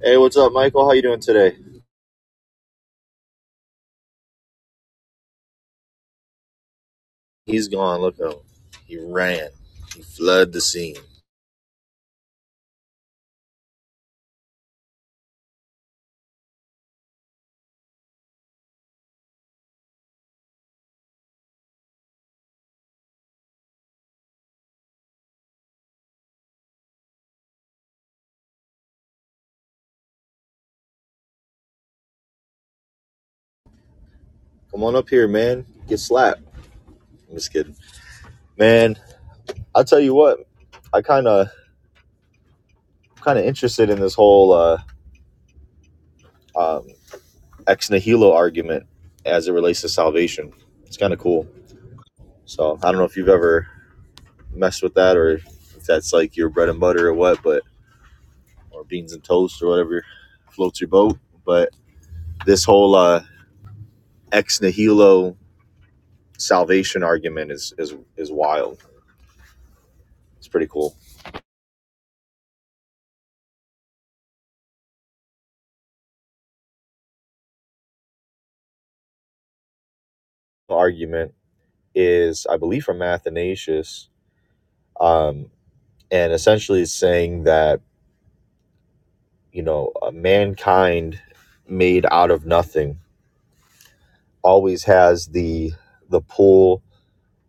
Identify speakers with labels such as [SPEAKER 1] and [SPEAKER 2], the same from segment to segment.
[SPEAKER 1] Hey, what's up, Michael? How you doing today? He's gone. Look at him. He ran. He fled the scene. Come on up here, man. Get slapped. I'm just kidding, man. I'll tell you what. I kind of kind of interested in this whole uh, ex nihilo argument as it relates to salvation. It's kind of cool. So I don't know if you've ever messed with that or if that's like your bread and butter or what, but or beans and toast or whatever floats your boat. But this whole uh, ex nihilo salvation argument is is is wild. It's pretty cool. The argument is, I believe, from Athanasius, um, and essentially is saying that you know uh, mankind made out of nothing always has the the pull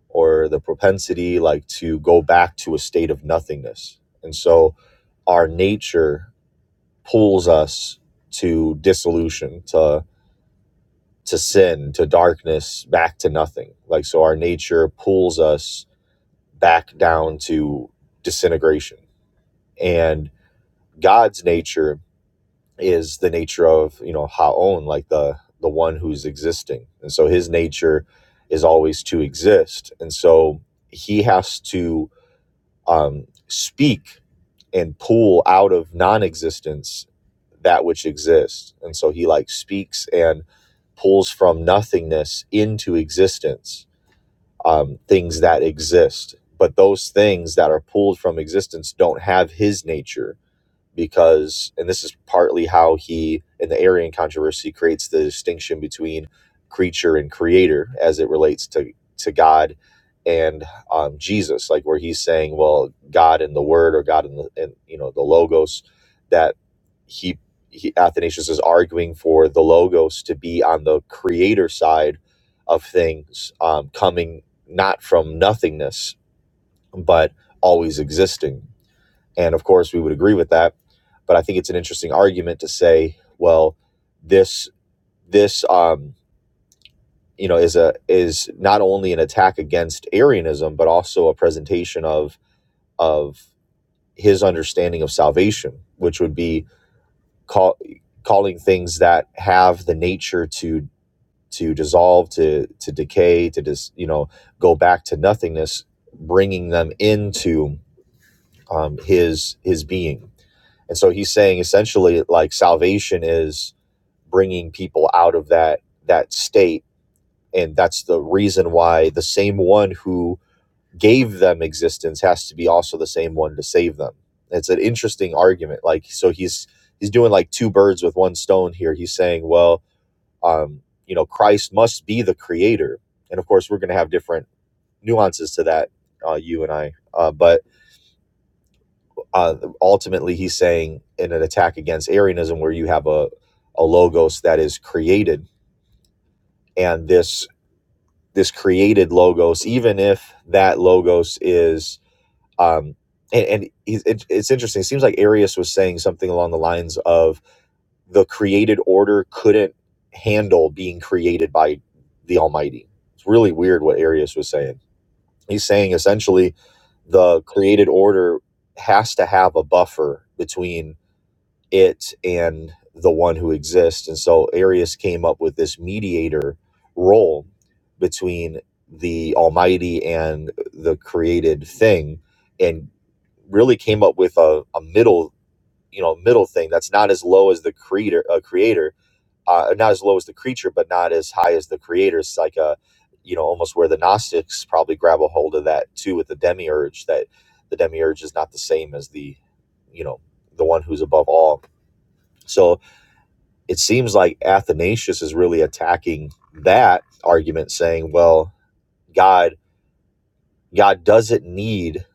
[SPEAKER 1] or the propensity like to go back to a state of nothingness, and so our nature pulls us to dissolution to to sin, to darkness, back to nothing. Like, so our nature pulls us back down to disintegration. And God's nature is the nature of, you know, Ha'on, like the, the one who's existing. And so his nature is always to exist. And so he has to um, speak and pull out of non-existence that which exists and so he like speaks and pulls from nothingness into existence um, things that exist but those things that are pulled from existence don't have his nature because and this is partly how he in the Arian controversy creates the distinction between creature and creator as it relates to to God and um, Jesus like where he's saying well God and the word or God and the and, you know the logos that he, he Athanasius is arguing for the logos to be on the creator side of things um, coming not from nothingness but always existing and of course, we would agree with that. But I think it's an interesting argument to say, well, this this um, you know is a is not only an attack against Arianism, but also a presentation of of his understanding of salvation, which would be call, calling things that have the nature to to dissolve, to to decay, to dis, you know go back to nothingness, bringing them into um, his his being And so he's saying essentially like salvation is bringing people out of that that state and that's the reason why the same one who gave them existence has to be also the same one to save them. It's an interesting argument like so he's he's doing like two birds with one stone here. He's saying, well, um, you know, Christ must be the creator. And of course, we're going to have different nuances to that uh, you and I. Uh, but uh, ultimately he's saying in an attack against Arianism where you have a, a logos that is created and this this created logos even if that logos is um, and, and it, it's interesting it seems like Arius was saying something along the lines of the created order couldn't handle being created by the Almighty it's really weird what Arius was saying he's saying essentially the created order has to have a buffer between it and the one who exists. And so Arius came up with this mediator role between the Almighty and the created thing, and really came up with a, a middle, you know, middle thing that's not as low as the creator, a creator, uh, not as low as the creature, but not as high as the creator. It's like a, you know, almost where the Gnostics probably grab a hold of that too with the demiurge that the demiurge is not the same as the, you know, the one who's above all so it seems like Athanasius is really attacking that argument, saying, "Well, God, God doesn't need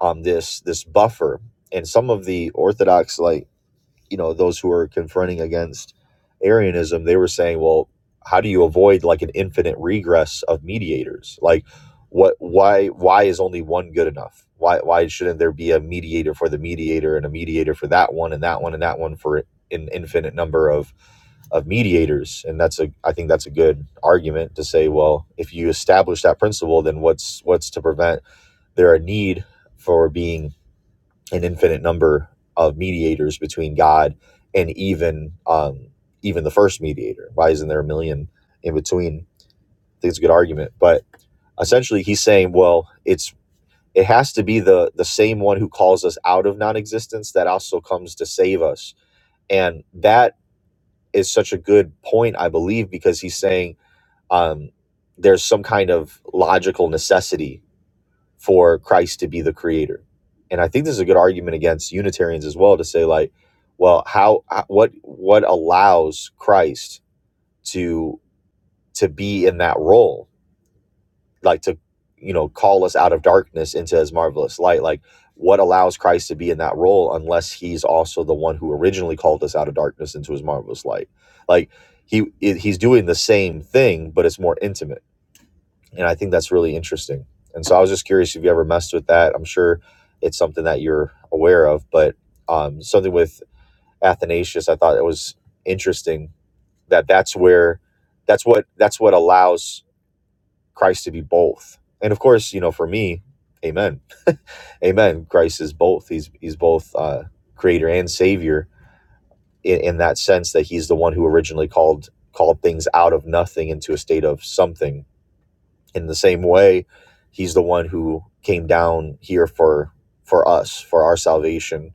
[SPEAKER 1] um this this buffer." And some of the Orthodox like you know those who are confronting against arianism they were saying well how do you avoid like an infinite regress of mediators like what why why is only one good enough why why shouldn't there be a mediator for the mediator and a mediator for that one and that one and that one for an infinite number of of mediators and that's a i think that's a good argument to say well if you establish that principle then what's what's to prevent there a need for being an infinite number of mediators between God and even um, even the first mediator. Why isn't there a million in between? I think it's a good argument, but essentially he's saying, well, it's it has to be the the same one who calls us out of non-existence that also comes to save us, and that is such a good point, I believe, because he's saying um, there's some kind of logical necessity for Christ to be the creator. And I think this is a good argument against Unitarians as well to say like, well, how uh, what what allows Christ to to be in that role, like to you know call us out of darkness into His marvelous light, like what allows Christ to be in that role unless He's also the one who originally called us out of darkness into His marvelous light, like. He, he's doing the same thing, but it's more intimate and I think that's really interesting. And so I was just curious if you ever messed with that. I'm sure it's something that you're aware of, but um, something with Athanasius, I thought it was interesting that that's where that's what that's what allows Christ to be both. And of course, you know, for me, Amen, Amen. Christ is both. He's he's both uh, Creator and Savior in, in that sense that He's the one who originally called called things out of nothing into a state of something in the same way he's the one who came down here for for us for our salvation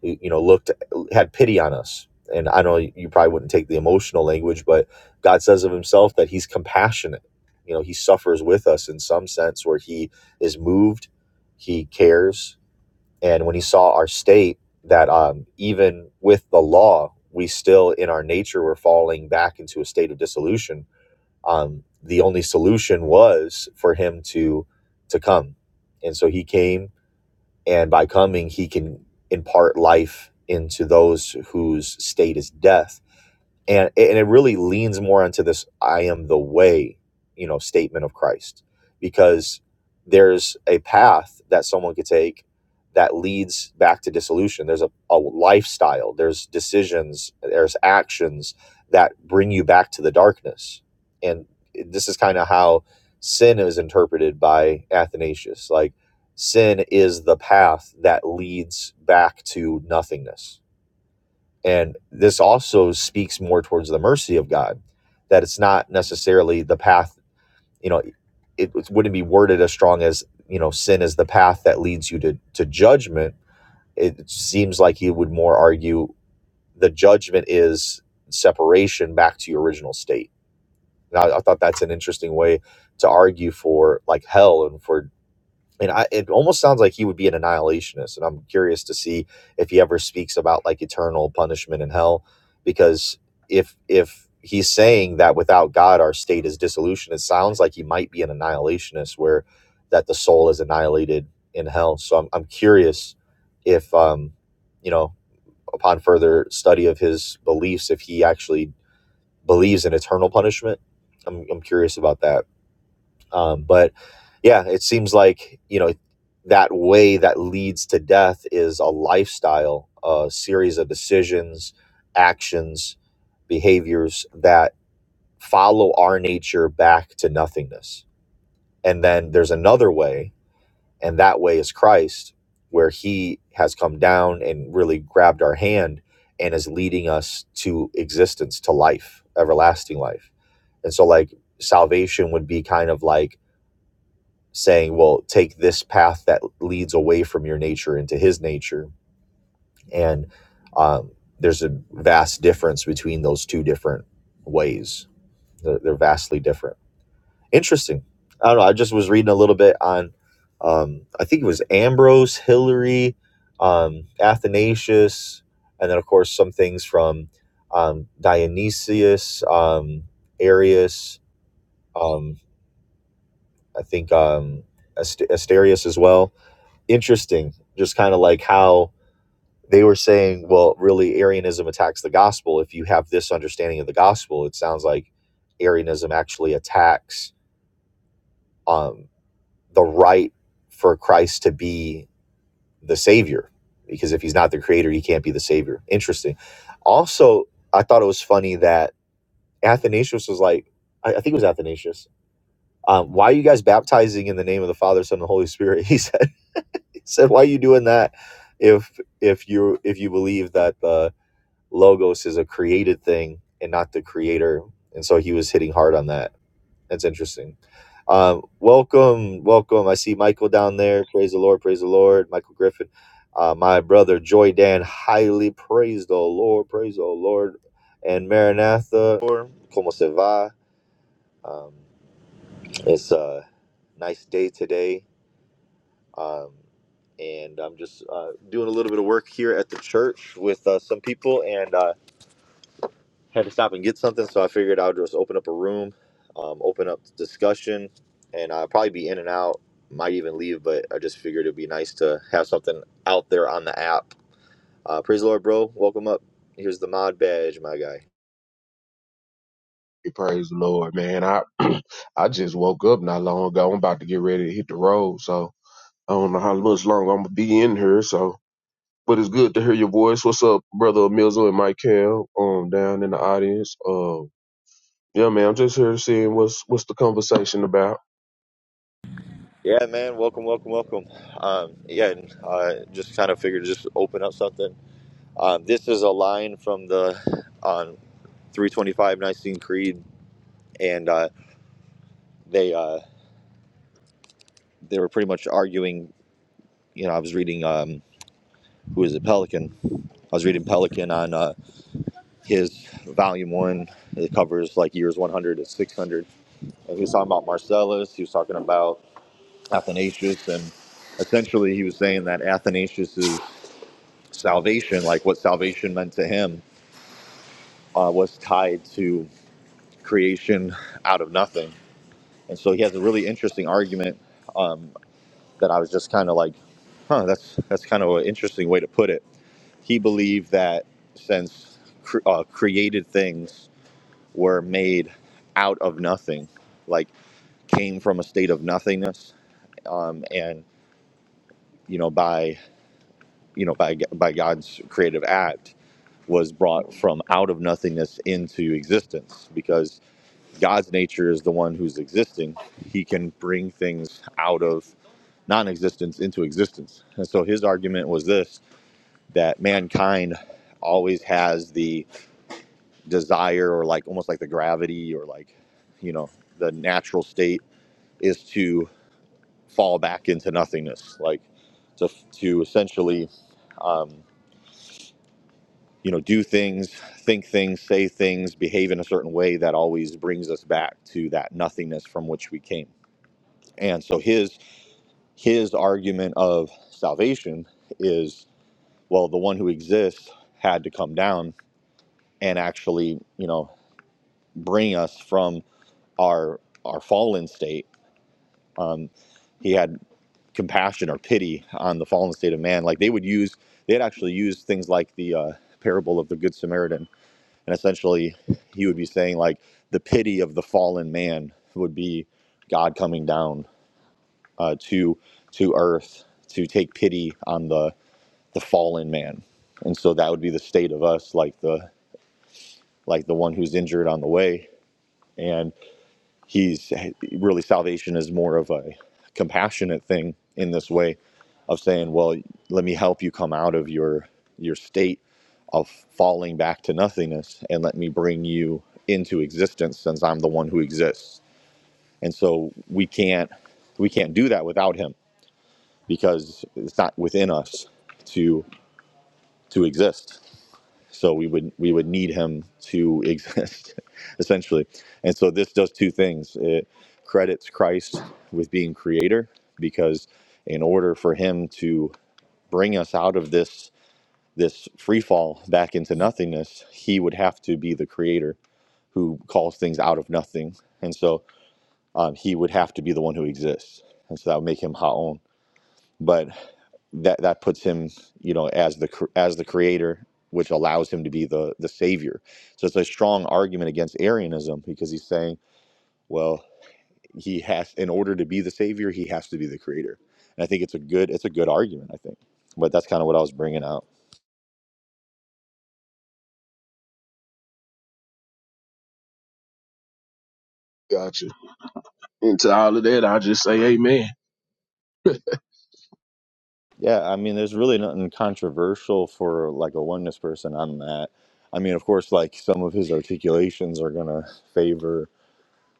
[SPEAKER 1] you know looked had pity on us and i know you probably wouldn't take the emotional language but god says of himself that he's compassionate you know he suffers with us in some sense where he is moved he cares and when he saw our state that um, even with the law we still in our nature were falling back into a state of dissolution um, the only solution was for him to to come and so he came and by coming he can impart life into those whose state is death and and it really leans more into this i am the way you know statement of christ because there's a path that someone could take that leads back to dissolution there's a, a lifestyle there's decisions there's actions that bring you back to the darkness and this is kind of how sin is interpreted by athanasius like sin is the path that leads back to nothingness and this also speaks more towards the mercy of God, that it's not necessarily the path, you know, it, it wouldn't be worded as strong as, you know, sin is the path that leads you to, to judgment. It seems like he would more argue the judgment is separation back to your original state. And I, I thought that's an interesting way to argue for like hell and for and I, it almost sounds like he would be an annihilationist, and I'm curious to see if he ever speaks about like eternal punishment in hell, because if if he's saying that without God our state is dissolution, it sounds like he might be an annihilationist, where that the soul is annihilated in hell. So I'm I'm curious if um you know upon further study of his beliefs, if he actually believes in eternal punishment. I'm I'm curious about that um, but yeah, it seems like, you know, that way that leads to death is a lifestyle, a series of decisions, actions, behaviors that follow our nature back to nothingness. And then there's another way, and that way is Christ, where he has come down and really grabbed our hand and is leading us to existence, to life, everlasting life. And so, like, salvation would be kind of like, saying, well, take this path that leads away from your nature into his nature. And um, there's a vast difference between those two different ways. They're, they're vastly different. Interesting. I don't know. I just was reading a little bit on, um, I think it was Ambrose, Hilary, um, Athanasius, and then, of course, some things from um, Dionysius, um, Arius, um, I think um, Asterius as well interesting, just kind of like how they were saying, well, really, Arianism attacks the gospel. If you have this understanding of the gospel, it sounds like Arianism actually attacks um, the right for Christ to be the Savior, because if he's not the Creator, he can't be the Savior. Interesting. Also, I thought it was funny that Athanasius was like, I, I think it was Athanasius. Um, why are you guys baptizing in the name of the Father, Son, and the Holy Spirit? He said. said, "Why are you doing that? If if you if you believe that the logos is a created thing and not the creator." And so he was hitting hard on that. That's interesting. Um, welcome, welcome. I see Michael down there. Praise the Lord, praise the Lord. Michael Griffin, uh, my brother Joy Dan, highly praise the Lord, praise the Lord. And Maranatha, como se va? Um, it's a nice day today. Um, and I'm just uh, doing a little bit of work here at the church with uh, some people and uh, had to stop and get something. So I figured I would just open up a room, um, open up discussion, and I'll probably be in and out, might even leave, but I just figured it'd be nice to have something out there on the app. Uh, praise the Lord, bro. Welcome up. Here's the mod badge, my guy.
[SPEAKER 2] Praise the Lord, man. I I just woke up not long ago. I'm about to get ready to hit the road, so I don't know how much longer I'm gonna be in here. So, but it's good to hear your voice. What's up, brother Mizzle and Michael? Um, down in the audience. Um, yeah, man. I'm just here seeing what's what's the conversation about.
[SPEAKER 1] Yeah, man. Welcome, welcome, welcome. Um, yeah, and, uh, just kind of figured to just open up something. Um, this is a line from the on. 325 Nicene Creed, and uh, they uh, they were pretty much arguing. You know, I was reading um, who is it, Pelican? I was reading Pelican on uh, his volume one. It covers like years 100 to 600, and he was talking about Marcellus. He was talking about Athanasius, and essentially he was saying that Athanasius's salvation, like what salvation meant to him, uh, was tied to creation out of nothing. And so he has a really interesting argument Um, that I was just kind of like, huh, that's that's kind of an interesting way to put it. He believed that since cr- uh, created things were made out of nothing, like came from a state of nothingness, um, and you know by you know by by God's creative act was brought from out of nothingness into existence because God's nature is the one who's existing. He can bring things out of non-existence into existence. And so his argument was this that mankind always has the desire or like almost like the gravity or like you know the natural state is to fall back into nothingness like to to essentially um you know do things think things say things behave in a certain way that always brings us back to that nothingness from which we came and so his his argument of salvation is well the one who exists had to come down and actually you know bring us from our our fallen state. Um, he had compassion or pity on the fallen state of man. Like they would use, they'd actually use things like the uh, parable of the Good Samaritan, and essentially, he would be saying like the pity of the fallen man would be God coming down uh, to to earth to take pity on the the fallen man, and so that would be the state of us, like the like the one who's injured on the way, and. He's really salvation is more of a compassionate thing in this way of saying, "Well, let me help you come out of your your state of falling back to nothingness and let me bring you into existence since I'm the one who exists." And so we can't we can't do that without him because it's not within us to to exist so we would we would need him to exist essentially and so this does two things it credits christ with being creator because in order for him to bring us out of this this free fall back into nothingness he would have to be the creator who calls things out of nothing and so um, he would have to be the one who exists and so that would make him haon but that that puts him, you know, as the cr- as the creator, which allows him to be the the savior. So it's a strong argument against Arianism because he's saying, well, he has in order to be the savior, he has to be the creator. And I think it's a good it's a good argument. I think, but that's kind of what I was bringing out.
[SPEAKER 2] Gotcha. And to all of that, I just say Amen.
[SPEAKER 1] Yeah, I mean, there's really nothing controversial for like a oneness person on that. I mean, of course, like some of his articulations are gonna favor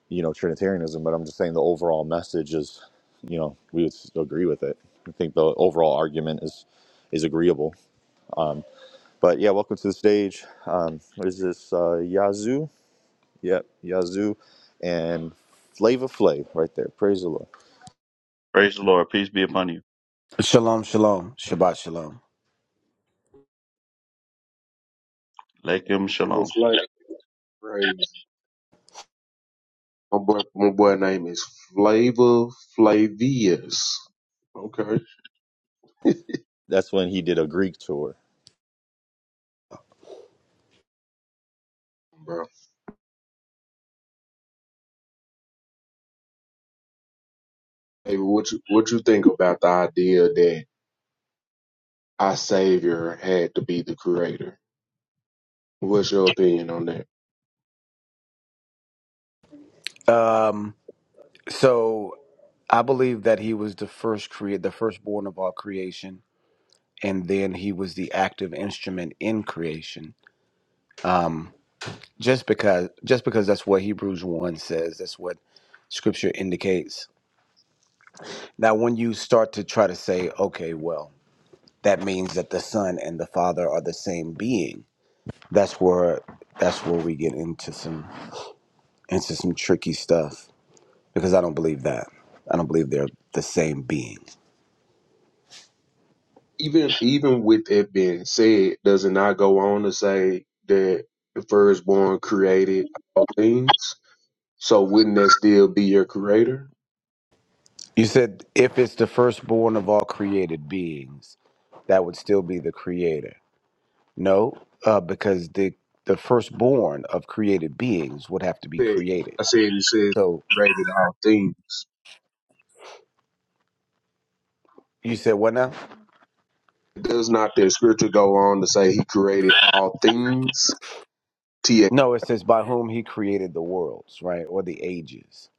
[SPEAKER 1] you know Trinitarianism, but I'm just saying the overall message is, you know, we would s- agree with it. I think the overall argument is is agreeable. But yeah, welcome to the stage. Um, what is this? Uh, Yazoo. Yep, Yazoo, and Flava Flav right there. Praise the Lord.
[SPEAKER 3] Praise the Lord. Peace be upon you.
[SPEAKER 4] Shalom, shalom, Shabbat shalom.
[SPEAKER 3] Lakim Shalom.
[SPEAKER 2] Flavor Flav, praise. My boy, my boy name is Flavor Flavius. Okay,
[SPEAKER 1] That's when he did a Greek tour.
[SPEAKER 2] bro. Hey, what you what you think about the idea that? our Savior had to be the Creator. What's your opinion on that?
[SPEAKER 4] Um, so I believe that he was the first create, the firstborn of all creation, and then he was the active instrument in creation. Just because, just because that's what Hebrews one says. That's what Scripture indicates. Now, when you start to try to say, okay, well, that means that the Son and the Father are the same being. That's where that's where we get into some into some tricky stuff because I don't believe that. I don't believe they're the same being.
[SPEAKER 2] Even even with it being said, does it not go on to say that the firstborn created all things? So wouldn't that still be your Creator?
[SPEAKER 4] You said if it's the firstborn of all created beings, that would still be the creator. No, uh, because the the firstborn of created beings would have to be created.
[SPEAKER 2] I said it says
[SPEAKER 4] So
[SPEAKER 2] created all things.
[SPEAKER 4] you said what now?
[SPEAKER 2] Does not the scripture go on to say He created all things? T. A.
[SPEAKER 4] No, it says by whom he created the worlds, right, or the ages.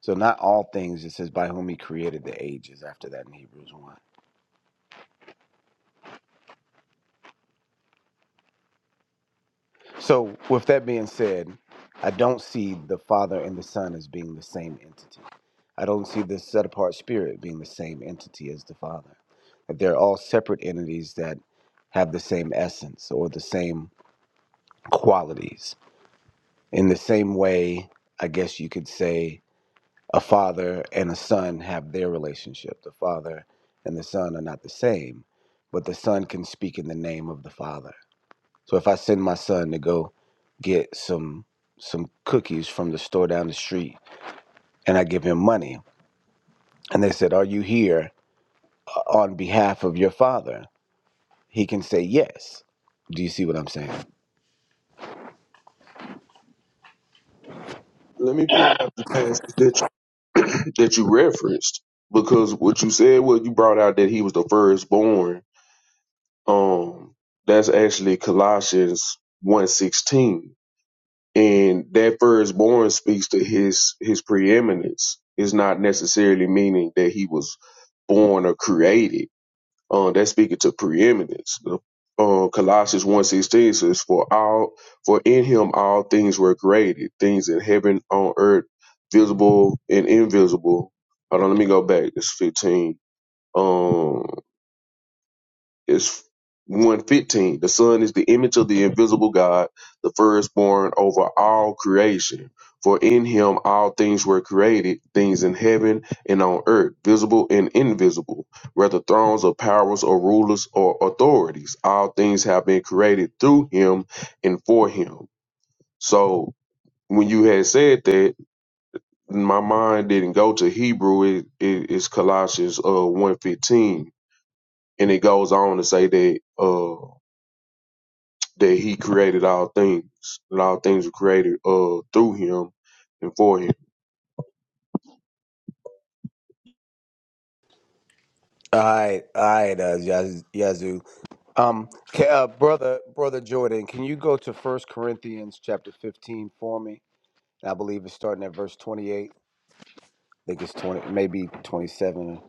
[SPEAKER 4] So not all things. It says by whom he created the ages. After that in Hebrews one. So with that being said, I don't see the Father and the Son as being the same entity. I don't see the set apart spirit being the same entity as the Father. That they're all separate entities that have the same essence or the same qualities. In the same way, I guess you could say a father and a son have their relationship. The father and the son are not the same, but the son can speak in the name of the father. So if I send my son to go get some some cookies from the store down the street and I give him money and they said, "Are you here?" on behalf of your father, he can say yes. Do you see what I'm saying?
[SPEAKER 2] Let me pull out the passage that you, that you referenced because what you said, well, you brought out that He was the firstborn Um, that's actually Colossians one sixteen, And that firstborn speaks to his his preeminence. It's not necessarily meaning that he was born or created. Um, that's speaking to preeminence. The, uh, Colossians one sixteen says, For all for in him all things were created, things in heaven, on earth, visible and invisible. Hold on, let me go back. It's 15. Um, is 115. The Son is the image of the invisible God, the firstborn over all creation. For in him all things were created, things in heaven and on earth, visible and invisible, whether thrones or powers or rulers or authorities. All things have been created through him and for him. So when you had said that, my mind didn't go to Hebrew. It, it- it's Colossians uh, 115. And it goes on to say that. Uh, that he created all things, that all things were created uh through him and for him.
[SPEAKER 4] All right, all right, uh, Yaz- Yazoo. Um, ca- uh, brother, brother Jordan, can you go to First Corinthians chapter fifteen for me? I believe it's starting at verse twenty-eight. I think it's twenty, maybe twenty-seven.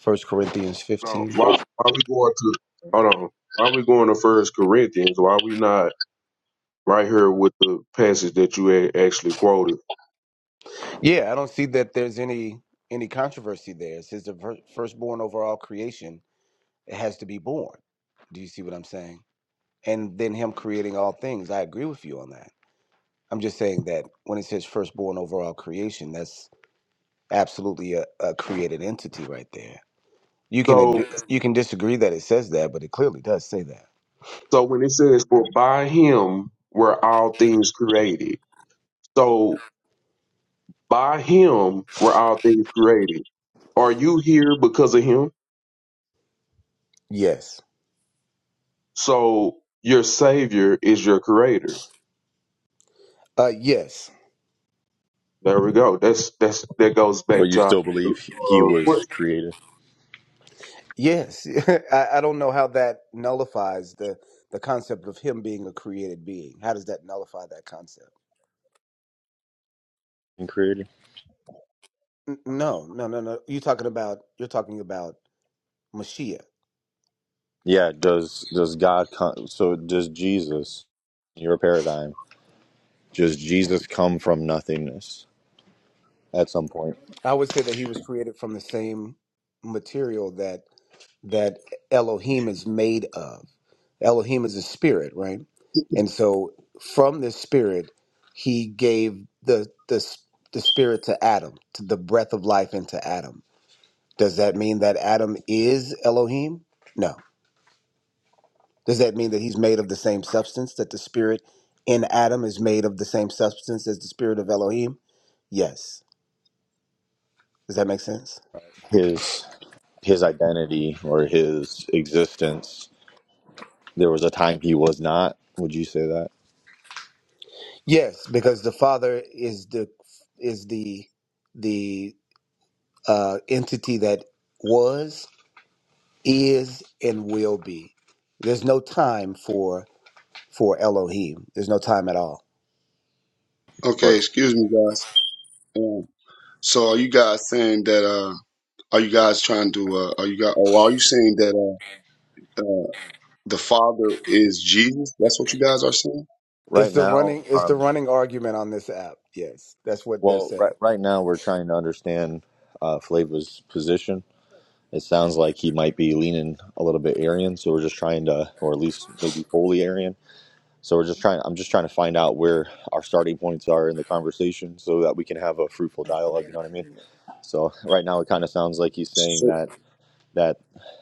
[SPEAKER 4] First Corinthians
[SPEAKER 2] Now,
[SPEAKER 4] fifteen.
[SPEAKER 2] why why we going to hold on? Why we going to First Corinthians? Why we not right here with the passage that you had actually quoted?
[SPEAKER 4] Yeah, I don't see that there's any any controversy there. It says the fir- firstborn over all creation it has to be born. Do you see what I'm saying? And then Him creating all things. I agree with you on that. I'm just saying that when it says firstborn over all creation, that's absolutely a, a created entity right there. You can ad-
[SPEAKER 2] So
[SPEAKER 4] you can disagree that it says that, but it clearly does say that.
[SPEAKER 2] so when it says for by him were all things created. So by him were all things created. Are you here because of him?
[SPEAKER 4] Yes.
[SPEAKER 2] So your savior is your creator.
[SPEAKER 4] Uh, yes.
[SPEAKER 2] There we go. That's that's that goes
[SPEAKER 1] But
[SPEAKER 2] back
[SPEAKER 1] you
[SPEAKER 2] to our
[SPEAKER 1] still believe he
[SPEAKER 2] uh,
[SPEAKER 1] was
[SPEAKER 2] question.
[SPEAKER 1] created
[SPEAKER 4] Yes. I, I don't know how that nullifies the the concept of him being a created being. How does that nullify that concept?
[SPEAKER 1] and created?
[SPEAKER 4] N- no, no, no, no. You're talking about you're talking about Mashiach.
[SPEAKER 1] Yeah. Does does God come? So does Jesus? Your paradigm. Does Jesus come from nothingness at some point?
[SPEAKER 4] I would say that he was created from the same material that that Elohim is made of. Elohim is a spirit, right? And so from this spirit, he gave the the the spirit to Adam, to the breath of life into Adam. Does that mean that Adam is Elohim? No. Does that mean that he's made of the same substance that the spirit in Adam is made of the same substance as the spirit of Elohim? Yes. Does that make sense?
[SPEAKER 1] his his identity or his existence. There was a time he was not. Would you say that?
[SPEAKER 4] Yes, because the Father is the is the the uh, entity that was, is, and will be. There's no time for for Elohim. There's no time at all.
[SPEAKER 1] But
[SPEAKER 5] Okay, excuse me, guys. Um, so, are you guys saying that? Uh, are you guys trying to? Uh, are you guys? Or are you saying that uh, uh, the Father is Jesus? That's what you guys are saying.
[SPEAKER 4] It's
[SPEAKER 1] right
[SPEAKER 4] the
[SPEAKER 1] now,
[SPEAKER 4] running. It's the
[SPEAKER 1] um,
[SPEAKER 4] running argument on this app. Yes, that's what they're
[SPEAKER 1] well, right,
[SPEAKER 4] saying.
[SPEAKER 1] right now we're trying to understand uh, Flava's position. It sounds like he might be leaning a little bit Aryan, so we're just trying to, or at least maybe fully Aryan. So we're just trying. I'm just trying to find out where our starting points are in the conversation, so that we can have a fruitful dialogue. You know what I mean? So right now, it kind of sounds like he's saying
[SPEAKER 5] So,
[SPEAKER 1] that that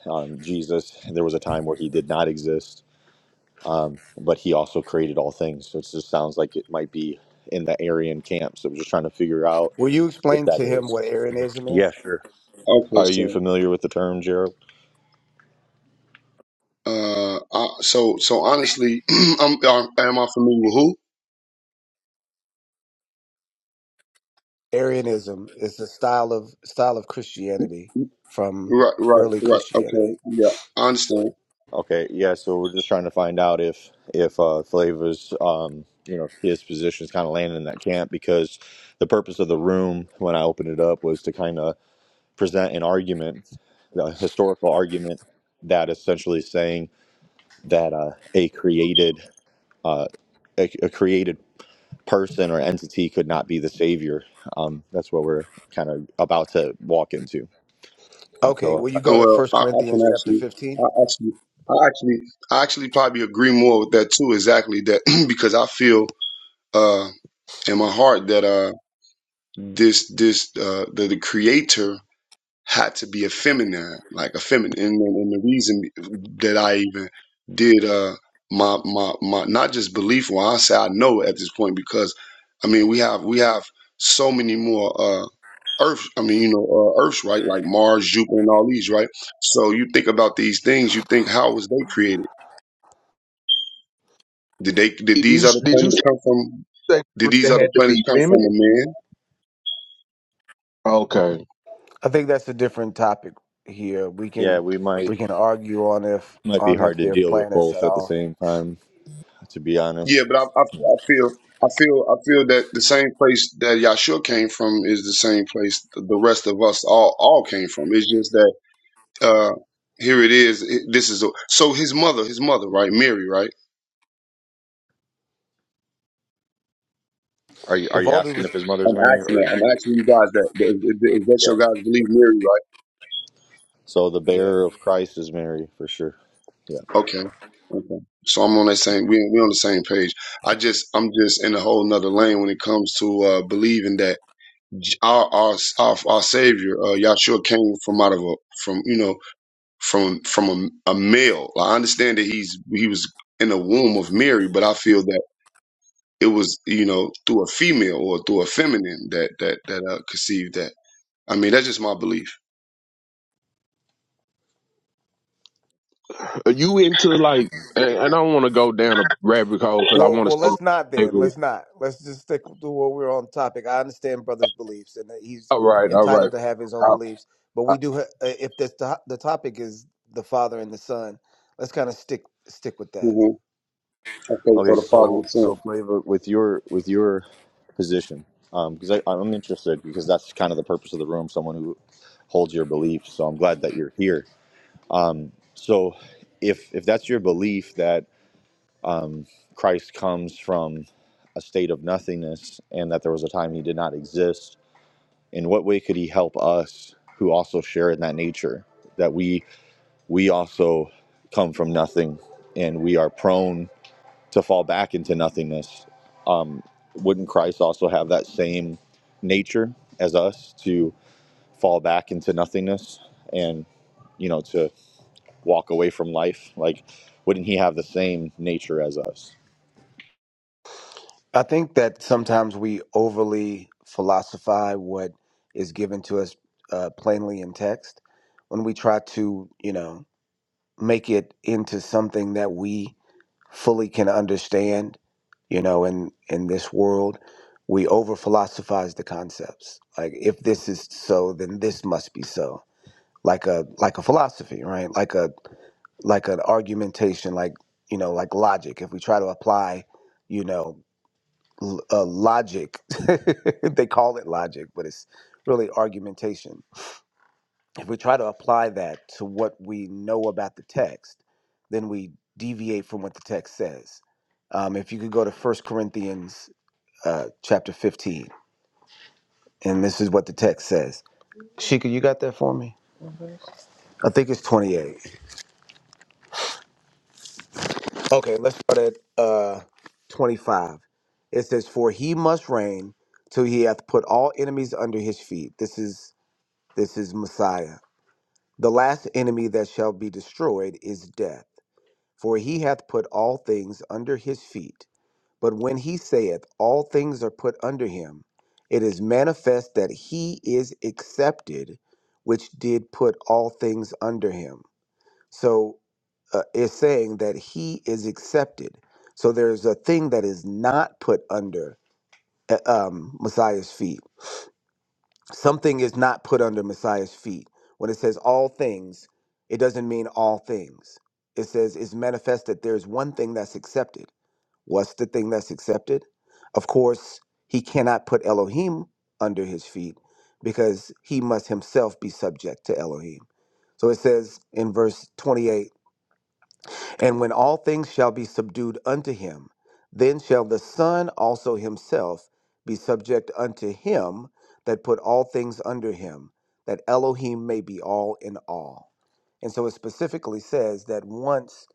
[SPEAKER 1] um, Jesus, there was a time where he did not exist, um, but he also created all things. So it just sounds like it might be in the Aryan camp. So we're just trying to figure out
[SPEAKER 4] Will you
[SPEAKER 1] if
[SPEAKER 4] explain
[SPEAKER 1] that
[SPEAKER 4] to him
[SPEAKER 1] is.
[SPEAKER 4] what Arianism
[SPEAKER 1] Yeah,
[SPEAKER 4] is?
[SPEAKER 1] sure.
[SPEAKER 5] okay,
[SPEAKER 1] Are you
[SPEAKER 5] so,
[SPEAKER 1] familiar with the term, Gerald?
[SPEAKER 5] uh, I, so, so honestly, I'm, am am I familiar with who?
[SPEAKER 4] Arianism is a style of style of Christianity from
[SPEAKER 5] Right, right,
[SPEAKER 4] early
[SPEAKER 5] right.
[SPEAKER 4] Christianity.
[SPEAKER 5] Okay, yeah, I understand.
[SPEAKER 1] Okay, yeah. So we're just trying to find out if if uh, Flavor's, um, you know, his position is kind of landing in that camp because the purpose of the room when I opened it up was to kind of present an argument, a historical argument that essentially is saying that uh, a created uh, a, a created person or entity could not be the savior. Um, that's what we're kind of about to walk into. And
[SPEAKER 4] Okay.
[SPEAKER 1] so,
[SPEAKER 4] Will you go
[SPEAKER 5] And
[SPEAKER 4] to
[SPEAKER 5] well,
[SPEAKER 4] First
[SPEAKER 5] I, I can
[SPEAKER 4] Corinthians chapter
[SPEAKER 5] actually,
[SPEAKER 4] 15?
[SPEAKER 5] I actually, I actually, I actually probably agree more with that too. Exactly that because I feel uh in my heart that. uh. this this uh the, the creator had to be effeminate like effeminate and, and the reason that i even did uh my my my not just belief when i say i know at this point because i mean we have we have so many more uh earth i mean you know uh, earths right like mars jupiter and all these right so you think about these things you think how was they created did they did
[SPEAKER 2] Did you
[SPEAKER 5] these other
[SPEAKER 2] did you
[SPEAKER 5] planets
[SPEAKER 2] say
[SPEAKER 5] come from did these
[SPEAKER 2] they
[SPEAKER 5] other
[SPEAKER 2] had to
[SPEAKER 5] planets
[SPEAKER 2] be
[SPEAKER 5] come from
[SPEAKER 2] feminine?
[SPEAKER 5] a man
[SPEAKER 2] Okay,
[SPEAKER 4] I think that's a different topic here. We
[SPEAKER 1] yeah,
[SPEAKER 4] can
[SPEAKER 1] we might
[SPEAKER 4] we can argue on if
[SPEAKER 1] might be
[SPEAKER 4] on
[SPEAKER 1] hard
[SPEAKER 4] if
[SPEAKER 1] to
[SPEAKER 4] they're
[SPEAKER 1] deal with
[SPEAKER 4] planets
[SPEAKER 1] both
[SPEAKER 4] at
[SPEAKER 1] at the
[SPEAKER 4] all.
[SPEAKER 1] same time. To be
[SPEAKER 5] Yeah,
[SPEAKER 1] honest,
[SPEAKER 5] but I, I,
[SPEAKER 1] Yeah.
[SPEAKER 5] I feel I feel I feel that the same place that Yahshua came from is the same place the rest of us all all came from. It's just that uh here it is. It, this is a, so his mother, his mother, right, Mary, right.
[SPEAKER 1] are you are
[SPEAKER 4] With
[SPEAKER 1] you
[SPEAKER 4] all due
[SPEAKER 1] asking if
[SPEAKER 4] respect,
[SPEAKER 1] his mother's
[SPEAKER 5] I'm
[SPEAKER 1] Mary
[SPEAKER 5] asking
[SPEAKER 1] or
[SPEAKER 5] that. I'm asking you guys that. that- Is, is, is that
[SPEAKER 1] yeah?
[SPEAKER 5] your guys believe Mary, right?
[SPEAKER 1] So the
[SPEAKER 4] yeah.
[SPEAKER 1] bearer of Christ is Mary for sure. Yeah.
[SPEAKER 5] Okay. Okay. So I'm on that same. We we on the same page. I just I'm just in a whole nother lane when it comes to uh believing that our our our, our Savior, uh, Yahshua, came from out of a from you know from from a, a male. I understand that he's he was in the womb of Mary, but I feel that it was you know through a female or through a feminine that that that uh, conceived that. I mean, that's just my belief.
[SPEAKER 2] are you into like? And and I don't want to go down a rabbit hole because I
[SPEAKER 4] Well,
[SPEAKER 2] want to
[SPEAKER 4] well,
[SPEAKER 2] say.
[SPEAKER 4] let's not then.
[SPEAKER 2] slavery.
[SPEAKER 4] Let's not. Let's just stick to what we're on topic. I understand brother's beliefs, and that he's
[SPEAKER 2] All right, all
[SPEAKER 4] entitled to have his own
[SPEAKER 2] right.
[SPEAKER 4] beliefs. But we do. Ha- uh, if the to- the topic is the father and the son, let's kind of stick stick with that.
[SPEAKER 5] hmm Okay, so
[SPEAKER 1] Okay,
[SPEAKER 5] the father
[SPEAKER 1] so
[SPEAKER 5] and son.
[SPEAKER 1] so Flavor, with your with your position, because I I'm interested because that's kind of the purpose of the room. Someone who holds your beliefs. So I'm glad that you're here. So if if that's your belief that um, Christ comes from a state of nothingness and that there was a time he did not exist, in what way could he help us who also share in that nature? That we we also come from nothing and we are prone. to fall back into nothingness. Um, wouldn't Christ also have that same nature as us to fall back into nothingness and, you know, to walk away from life? Like, wouldn't he have the same nature as us?
[SPEAKER 4] I think that sometimes we overly philosophize what is given to us uh, plainly in text when we try to, you know, make it into something that we fully can understand. You know, in in this world, we over philosophize the concepts. Like, if this is so, then this must be so. Like a like a philosophy, right? Like a like an argumentation, like you know, like logic. If we try to apply, you know l- uh, logic. they call it logic, but it's really argumentation. If we try to apply that to what we know about the text, then we deviate from what the text says. Um, if you could go to First Corinthians uh, chapter 15, and this is what the text says. Shika, you got that for me? I think it's 28. Okay, let's start at uh, 25. It says, For he must reign till he hath put all enemies under his feet. This is this is Messiah. The last enemy that shall be destroyed is death, for he hath put all things under his feet. But when he saith, All things are put under him, it is manifest that he is accepted, which did put all things under him. So uh, it's saying that he is accepted. So there's a thing that is not put under uh, um, Messiah's feet something is not put under Messiah's feet. When it says all things, it doesn't mean all things. It says it's manifest that there's one thing that's accepted. What's the thing that's accepted? Of course, he cannot put Elohim under his feet because he must himself be subject to Elohim. So it says in verse 28 and when all things shall be subdued unto him, then shall the Son also himself be subject unto him that put all things under him, that Elohim may be all in all. And so it specifically says that once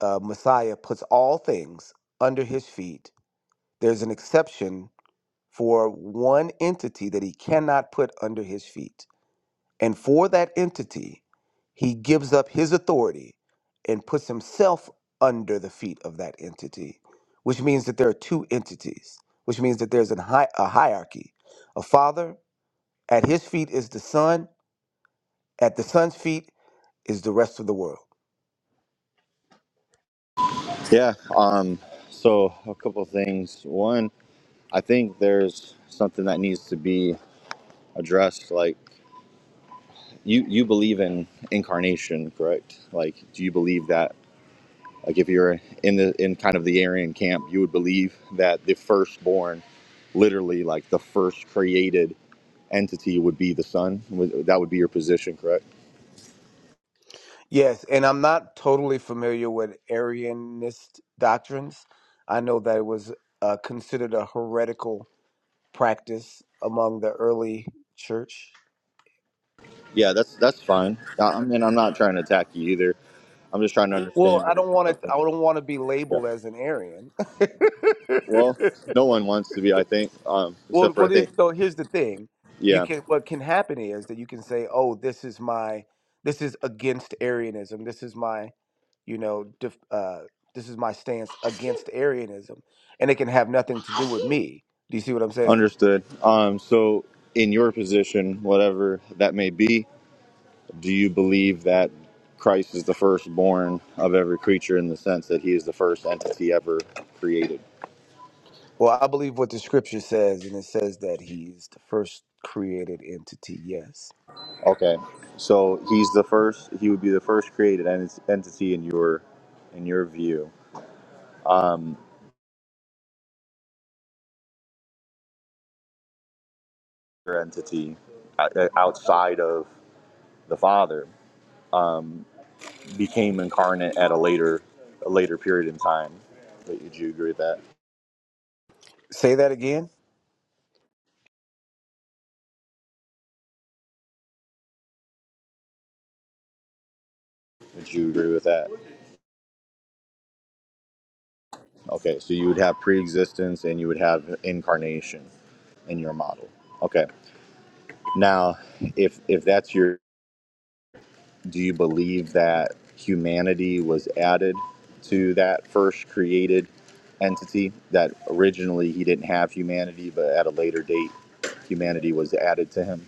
[SPEAKER 4] uh, Messiah puts all things under his feet, there's an exception for one entity that he cannot put under his feet and for that entity, he gives up his authority and puts himself under the feet of that entity, which means that there are two entities, which means that there's an hi- a hierarchy. A father, at his feet is the son, at the son's feet is the rest of the world.
[SPEAKER 1] Yeah. Um, so, a couple of things. One, I think there's something that needs to be addressed. Like, you, you believe in incarnation, correct? Like, do you believe that Like if you're in the in kind of the Aryan camp, you would believe that the firstborn, literally like the first created entity, would be the son. Would- That would be your position, correct?
[SPEAKER 4] Yes, and I'm not totally familiar with Arianist doctrines. I know that it was uh, considered a heretical practice among the early church
[SPEAKER 1] Yeah, that's that's fine. I, I mean, I'm not trying to attack you either. I'm just trying to
[SPEAKER 4] Well,
[SPEAKER 1] understand
[SPEAKER 4] I
[SPEAKER 1] where you're
[SPEAKER 4] don't want
[SPEAKER 1] coming
[SPEAKER 4] to.
[SPEAKER 1] from.
[SPEAKER 4] I don't want to be
[SPEAKER 1] Yeah.
[SPEAKER 4] labeled as an Aryan.
[SPEAKER 1] Well, no one wants to be, I think, um,
[SPEAKER 4] well,
[SPEAKER 1] except for I
[SPEAKER 4] what is
[SPEAKER 1] think.
[SPEAKER 4] though? Here's the thing: you
[SPEAKER 1] Yeah,
[SPEAKER 4] can. What can happen is that you can say, "Oh, this is my. This is against Arianism. This is my. You know, def, uh, this is my stance against Arianism," and it can have nothing to do with me. Do you see what I'm saying?
[SPEAKER 1] understood. Um, so, in your position, whatever that may be, Do you believe that Christ is the firstborn of every creature in the sense that he is the first entity ever created?
[SPEAKER 4] Well, I believe what the scripture says, and it says that he's the first created entity. Yes.
[SPEAKER 1] Okay. So he's the first he would be the first created ent- entity in your in your view, your entity o- outside of the Father became incarnate at a later a later period in time. But Would you agree with that?
[SPEAKER 4] Say that again.
[SPEAKER 1] Would you agree with that? Okay, so you would have pre-existence and you would have incarnation in your model. Okay. Now, if if that's your, do you believe that humanity was added to that first created entity? That originally he didn't have humanity, but at a later date, humanity was added to him.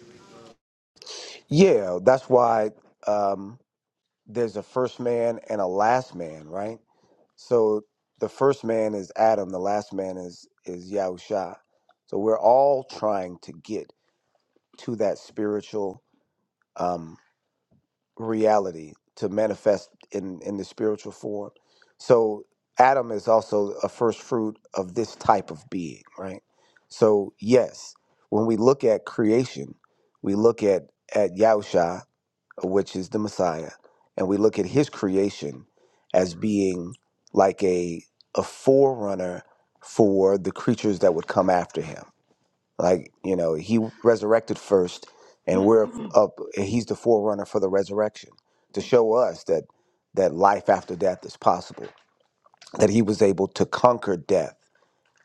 [SPEAKER 4] Yeah, that's why. Um, there's a first man and a last man, right? So the first man is Adam, the last man is is Yahusha. So we're all trying to get to that spiritual um, reality to manifest in in the spiritual form. So Adam is also a first fruit of this type of being, right? So yes, when we look at creation, we look at at Yahusha, which is the Messiah, and we look at his creation as being like a a forerunner for the creatures that would come after him. Like you know, he resurrected first, and we're Mhm. up. And he's the forerunner for the resurrection to show us that that life after death is possible. That he was able to conquer death,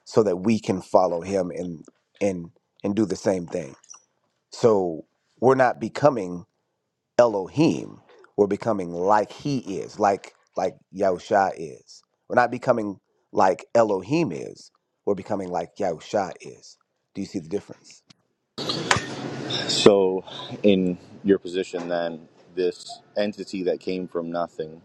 [SPEAKER 4] so that we can follow him and and and do the same thing. So we're not becoming. Elohim, we're becoming like he is, like like Yahusha is. We're not becoming like Elohim is. We're becoming like Yahusha is. Do you see the difference?
[SPEAKER 1] So, in your position, then this entity that came from nothing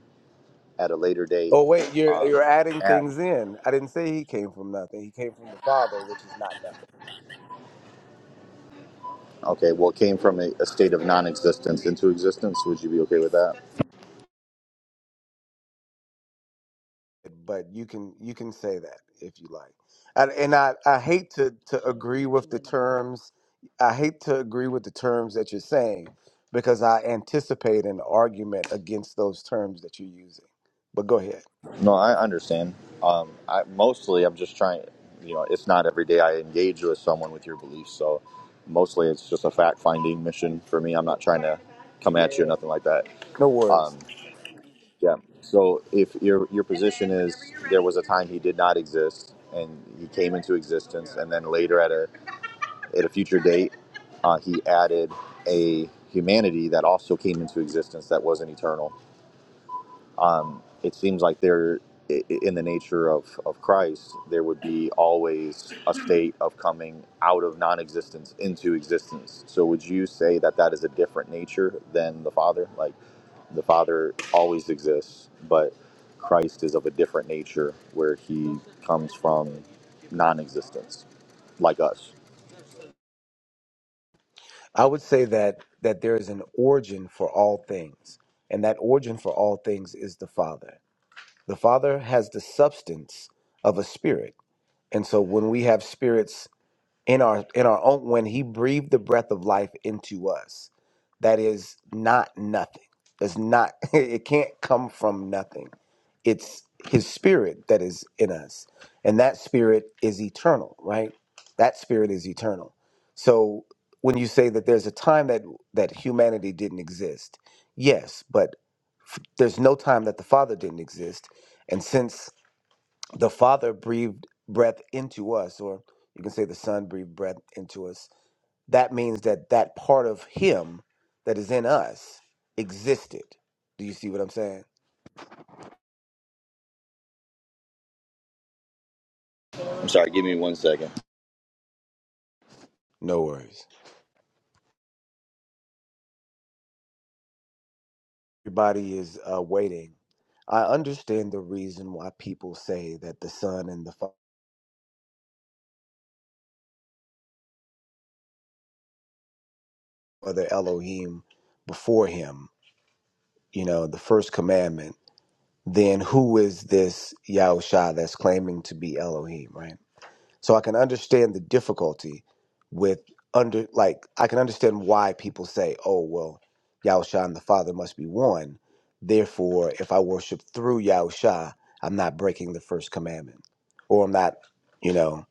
[SPEAKER 1] at a later date,
[SPEAKER 4] Oh wait, you're you're adding
[SPEAKER 1] add.
[SPEAKER 4] things in. I didn't say he came from nothing. He came from the Father, which is not nothing.
[SPEAKER 1] okay, well, it came from a, a state of non-existence into existence. Would you be okay with that?
[SPEAKER 4] but you can you can say that if you like and, and i i hate to to agree with the terms i hate to agree with the terms that you're saying because i anticipate an argument against those terms that you're using but go ahead
[SPEAKER 1] No, I understand. Um, I mostly I'm just trying. You know, it's not every day I engage with someone with your beliefs, so mostly it's just a fact finding mission for me. I'm not trying to come at you or nothing like that.
[SPEAKER 4] no worries
[SPEAKER 1] Yeah. So if your your position is there was a time he did not exist and he came into existence, and then later at a at a future date, uh, he added a humanity that also came into existence that wasn't eternal um, it seems like there, i- in the nature of, of Christ, there would be always a state of coming out of non existence into existence. So, would you say that that is a different nature than the Father? Like, the Father always exists, but Christ is of a different nature where he comes from non existence, like us.
[SPEAKER 4] i would say that that there is an origin for all things and that origin for all things is the father the father has the substance of a spirit and so when we have spirits in our in our own when he breathed the breath of life into us that is not nothing it's not it can't come from nothing it's his spirit that is in us and that spirit is eternal right that spirit is eternal so when you say that there's a time that that humanity didn't exist yes but there's no time that the father didn't exist and since the father breathed breath into us or you can say the son breathed breath into us that means that that part of him that is in us existed. Do you see what I'm saying?
[SPEAKER 1] I'm sorry, give me one second.
[SPEAKER 4] No worries. Everybody is uh, waiting. I understand the reason why people say that the Son and the Father Elohim before him, you know, the first commandment, then who is this Yahusha that's claiming to be Elohim, right? So I can understand the difficulty with under like I can understand why people say, "Oh, well, Yahusha and the Father must be one. Therefore, if I worship through Yahusha, I'm not breaking the first commandment, or I'm not, you know,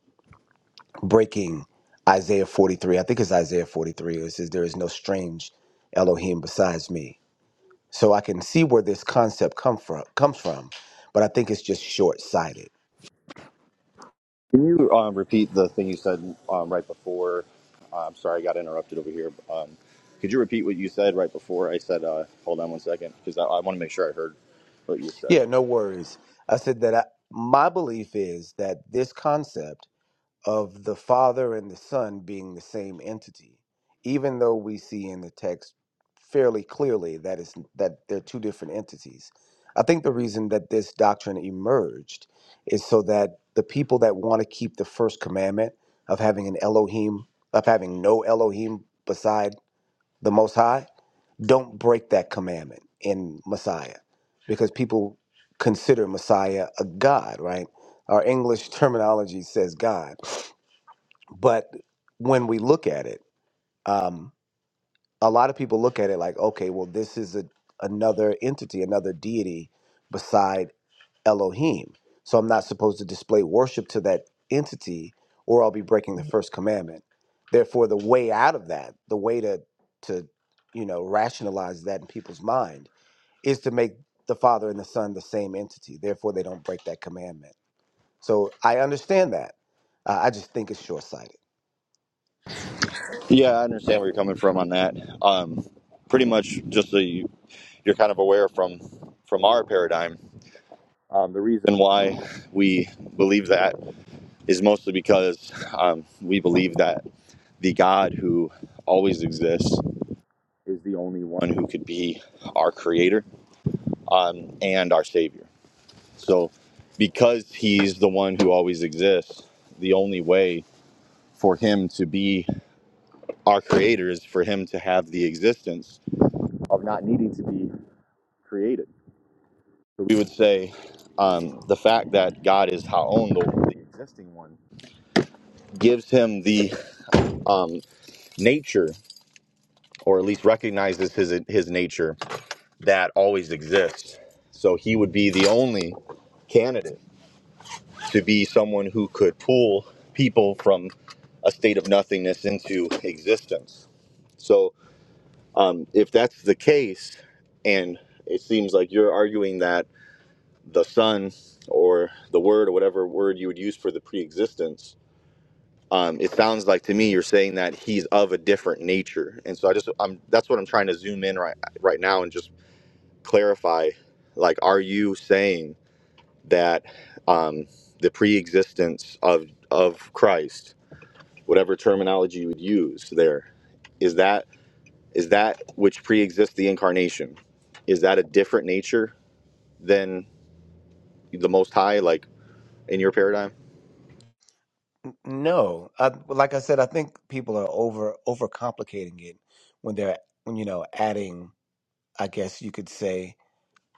[SPEAKER 4] breaking Isaiah 43. I think it's Isaiah 43. It says, "There is no strange Elohim besides me." So I can see where this concept come from comes from, but I think it's just short sighted
[SPEAKER 1] Can you um, repeat the thing you said um, right before? Uh, I'm sorry, I got interrupted over here. Um, could you repeat what you said right before I said, uh, hold on one second, because I, I want to make sure I heard what you said.
[SPEAKER 4] Yeah, no worries. I said that I, my belief is that this concept of the Father and the Son being the same entity, even though we see in the text fairly clearly that it's, that they're two different entities, I think the reason that this doctrine emerged is so that the people that want to keep the first commandment of having an Elohim, of having no Elohim beside the Most High, don't break that commandment in Messiah because people consider Messiah a God, right? Our English terminology says God. But when we look at it, um, a lot of people look at it like, okay, well, this is a, another entity, another deity beside Elohim. So I'm not supposed to display worship to that entity or I'll be breaking the first commandment. Therefore, the way out of that, the way to, to you know, rationalize that in people's mind is to make the Father and the Son the same entity. Therefore, they don't break that commandment. So I understand that. Uh, I just think it's short sighted.
[SPEAKER 1] Yeah, I understand where you're coming from on that. Um, pretty much just so you, you're kind of aware from, from our paradigm, um, the reason why we believe that is mostly because um, we believe that the God who always exists is the only one who could be our creator um, and our Savior. So, because He's the one who always exists, the only way for Him to be our Creator is for Him to have the existence of not needing to be created. So, we would say um, the fact that God is Ha'on, the, the existing one, gives Him the um, nature, or at least recognizes His, His nature that always exists. So, He would be the only candidate to be someone who could pull people from a state of nothingness into existence. So, um, if that's the case, and it seems like you're arguing that the Son or the Word or whatever word you would use for the pre existence, um, it sounds like to me you're saying that he's of a different nature. And so, I just, I'm, that's what I'm trying to zoom in right, right now and just clarify like, are you saying that um, the pre existence of, of Christ? whatever terminology you would use there is that is that which pre-exists the incarnation is that a different nature than the most high like in your paradigm
[SPEAKER 4] No, uh, like I said, I think people are over overcomplicating it when they're when you know adding, I guess you could say,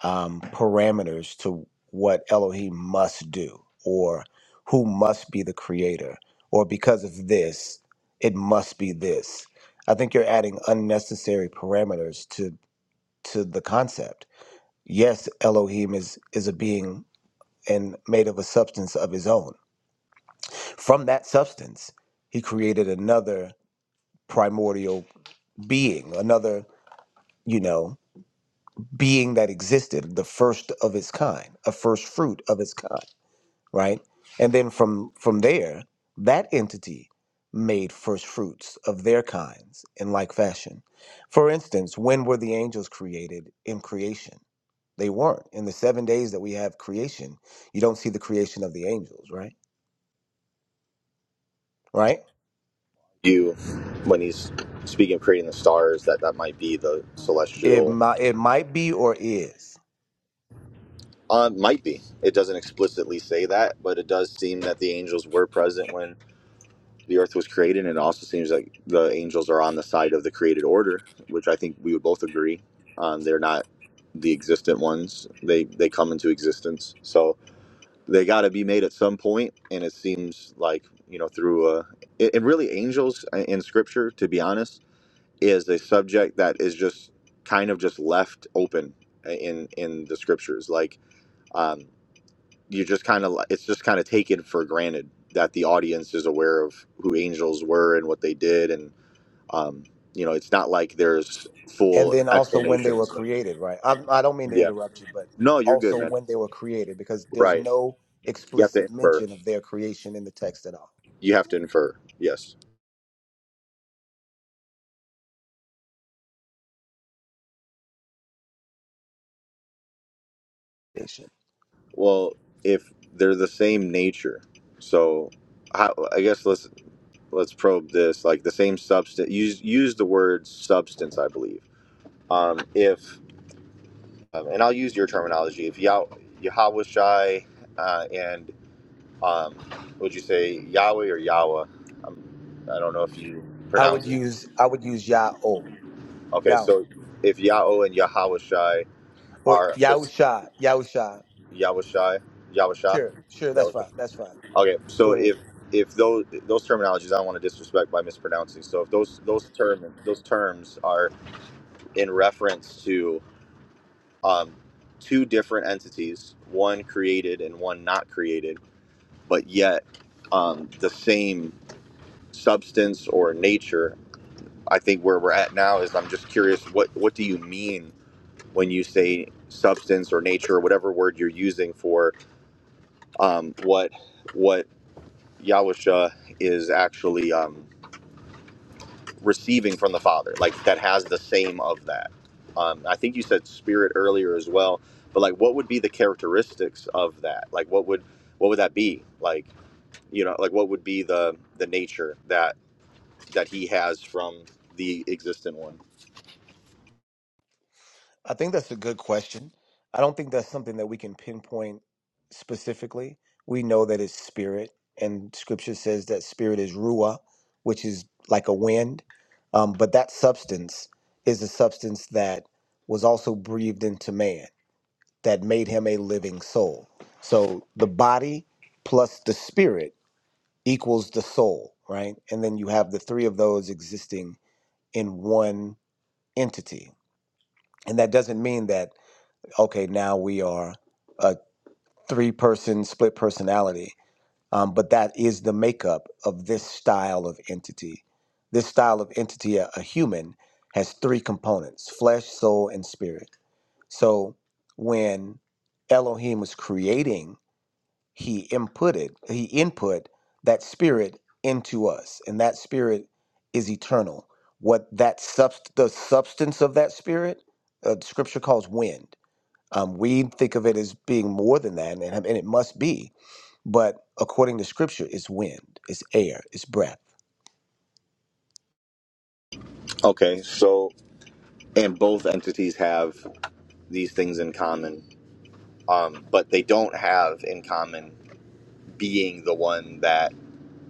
[SPEAKER 4] um, parameters to what Elohim must do or who must be the creator or because of this it must be this. I think you're adding unnecessary parameters to to the concept yes elohim is is a being and made of a substance of his own from that substance he created another primordial being another you know being that existed the first of its kind a first fruit of its kind right and then from from there that entity made first fruits of their kinds in like fashion for instance when were the angels created in creation They weren't. In the seven days that we have creation, you don't see the creation of the angels, right? Right?
[SPEAKER 1] you when he's speaking of creating the stars that that might be the
[SPEAKER 4] It
[SPEAKER 1] celestial
[SPEAKER 4] might, it might be or is.
[SPEAKER 1] um, might be it doesn't explicitly say that but it does seem that the angels were present when. the earth was created, and it also seems like the angels are on the side of the created order, which I think we would both agree. Um, they're not the existent ones; they they come into existence, so they got to be made at some point. And it seems like you know through a and and really angels uh, in Scripture, to be honest, is a subject that is just kind of just left open uh, in in the Scriptures, like. Um, you just kind of it's just kind of taken for granted that the audience is aware of who angels were and what they did and um you know it's not like there's
[SPEAKER 4] And
[SPEAKER 1] full
[SPEAKER 4] then also when they were
[SPEAKER 1] explanations of,
[SPEAKER 4] created, right? I, I don't mean to
[SPEAKER 1] yeah
[SPEAKER 4] interrupt you, but
[SPEAKER 1] no you're good
[SPEAKER 4] also
[SPEAKER 1] man
[SPEAKER 4] when they were created, because there's
[SPEAKER 1] right
[SPEAKER 4] no
[SPEAKER 1] you have to
[SPEAKER 4] explicit
[SPEAKER 1] infer
[SPEAKER 4] mention of their creation in the text at all.
[SPEAKER 1] you have to infer yes
[SPEAKER 4] Creation.
[SPEAKER 1] well if they're the same nature so how, i guess let's let's probe this like the same substance use use the word substance i believe um if um, and I'll use your terminology. If Yah- Yahweh Shai uh, and um, would you say Yahweh or Yahweh? Um, I don't know if you
[SPEAKER 4] I would
[SPEAKER 1] pronounce it.
[SPEAKER 4] use I would use Yah O
[SPEAKER 1] Okay,
[SPEAKER 4] Yao
[SPEAKER 1] so if Yahweh and Yahweh Shai
[SPEAKER 4] or
[SPEAKER 1] are this
[SPEAKER 4] Yahusha Yahusha.
[SPEAKER 1] Yahweh Shai, Yahweh Shai,
[SPEAKER 4] Sure, sure, that's
[SPEAKER 1] Yahweh Shai.
[SPEAKER 4] fine, that's fine.
[SPEAKER 1] Okay, so
[SPEAKER 4] Go ahead.
[SPEAKER 1] if if those those terminologies, I don't want to disrespect by mispronouncing. So if those those term those terms are in reference to um, two different entities, one created and one not created but yet um, the same substance or nature. I think where we're at now is I'm just curious what what do you mean when you say substance or nature or whatever word you're using for um, what what Yahusha is actually um, receiving from the Father, like that has the same of that. Um, I think you said spirit earlier as well, but like what would be the characteristics of that? Like what would what would that be? Like you know, like what would be the the nature that that he has from the existent one.
[SPEAKER 4] I think that's a good question. I don't think that's something that we can pinpoint specifically. We know that it's spirit, and scripture says that spirit is ruah, which is like a wind. Um, but that substance is a substance that was also breathed into man that made him a living soul. So the body plus the spirit equals the soul, right? And then you have the three of those existing in one entity. And that doesn't mean that okay, now we are a three person split personality. Um, but that is the makeup of this style of entity. This style of entity, a, a human, has three components flesh, soul, and spirit. So when Elohim was creating, he inputted, he input that spirit into us, and that spirit is eternal. What that subst- the substance of that spirit, uh, scripture calls wind um, we think of it as being more than that, and, and it must be. But according to Scripture, it's wind, it's air, it's breath.
[SPEAKER 1] Okay, so and both entities have these things in common, um, but they don't have in common being the one that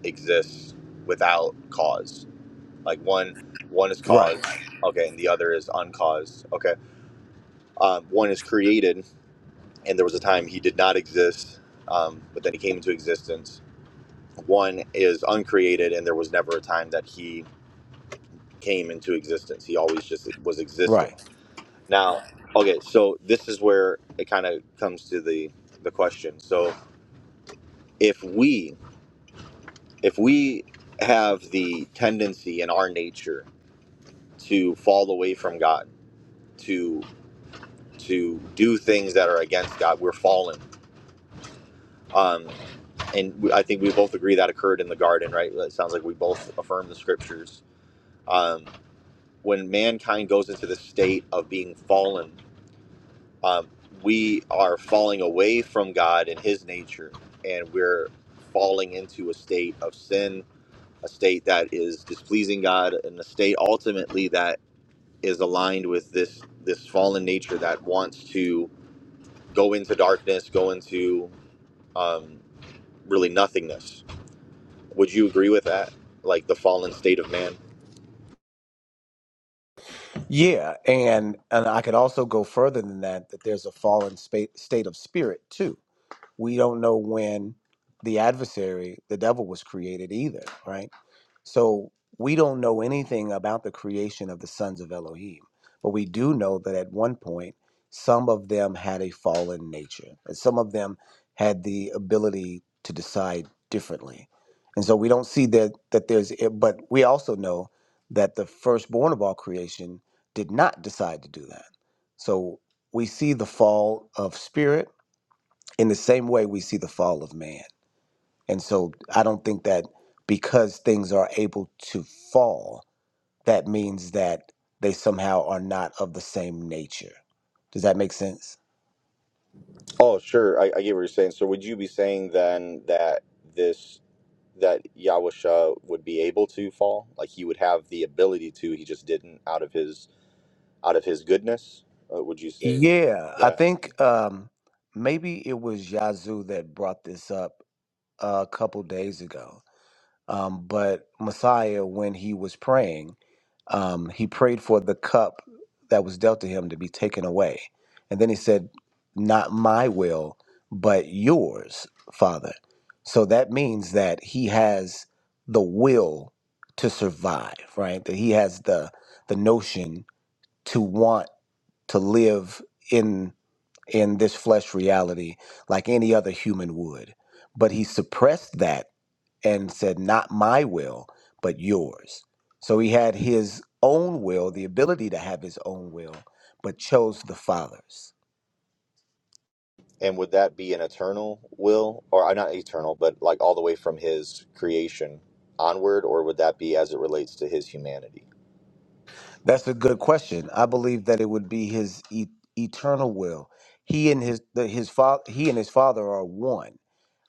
[SPEAKER 1] exists without cause. Like one, one is
[SPEAKER 4] Right,
[SPEAKER 1] caused, okay, and the other is uncaused. Okay, um, one is created, and there was a time he did not exist, um, but then he came into existence. One is uncreated, and there was never a time that he came into existence. He always just was existing
[SPEAKER 4] right.
[SPEAKER 1] Now, okay, so this is where it kind of comes to the the question. So, if we if we have the tendency in our nature to fall away from God, to to do things that are against God, we're fallen. Um, and we- I think we both agree that occurred in the garden, right? It sounds like we both affirm the scriptures. Um, when mankind goes into the state of being fallen, um, we are falling away from God and His nature, and we're falling into a state of sin, a state that is displeasing God, and a state ultimately that is aligned with this this fallen nature that wants to go into darkness, go into um, really nothingness. Would you agree with that? Like the fallen state of man?
[SPEAKER 4] Yeah, and and I could also go further than that. That there's a fallen spa- state of spirit too. We don't know when the adversary, the devil, was created either. Right So we don't know anything about the creation of the sons of Elohim, but we do know that at one point, some of them had a fallen nature, and some of them had the ability to decide differently. And so we don't see that that there's, but we also know that the firstborn of all creation did not decide to do that. So we see the fall of spirit in the same way we see the fall of man. And so I don't think that because things are able to fall, that means that they somehow are not of the same nature. Does that make sense?
[SPEAKER 1] Oh, sure. I, I get what you're saying. So, would you be saying then that this? that Yahusha would be able to fall, like he would have the ability to, he just didn't out of his out of his goodness. Uh, would you say
[SPEAKER 4] Yeah, I
[SPEAKER 1] that?
[SPEAKER 4] think um, maybe it was Yazoo that brought this up a couple days ago. Um, but Messiah, when he was praying, um, he prayed for the cup that was dealt to him to be taken away. And then he said, Not my will, but yours, Father. So that means that he has the will to survive, right? That he has the the notion to want to live in in this flesh reality like any other human would. But he suppressed that and said, Not my will, but yours. So he had his own will, the ability to have his own will, but chose the Father's.
[SPEAKER 1] And would that be an eternal will, or uh, not eternal, but like all the way from his creation onward, or would that be as it relates to his humanity?
[SPEAKER 4] That's a good question. I believe that it would be his e- eternal will. He and his the, his father he and his father are one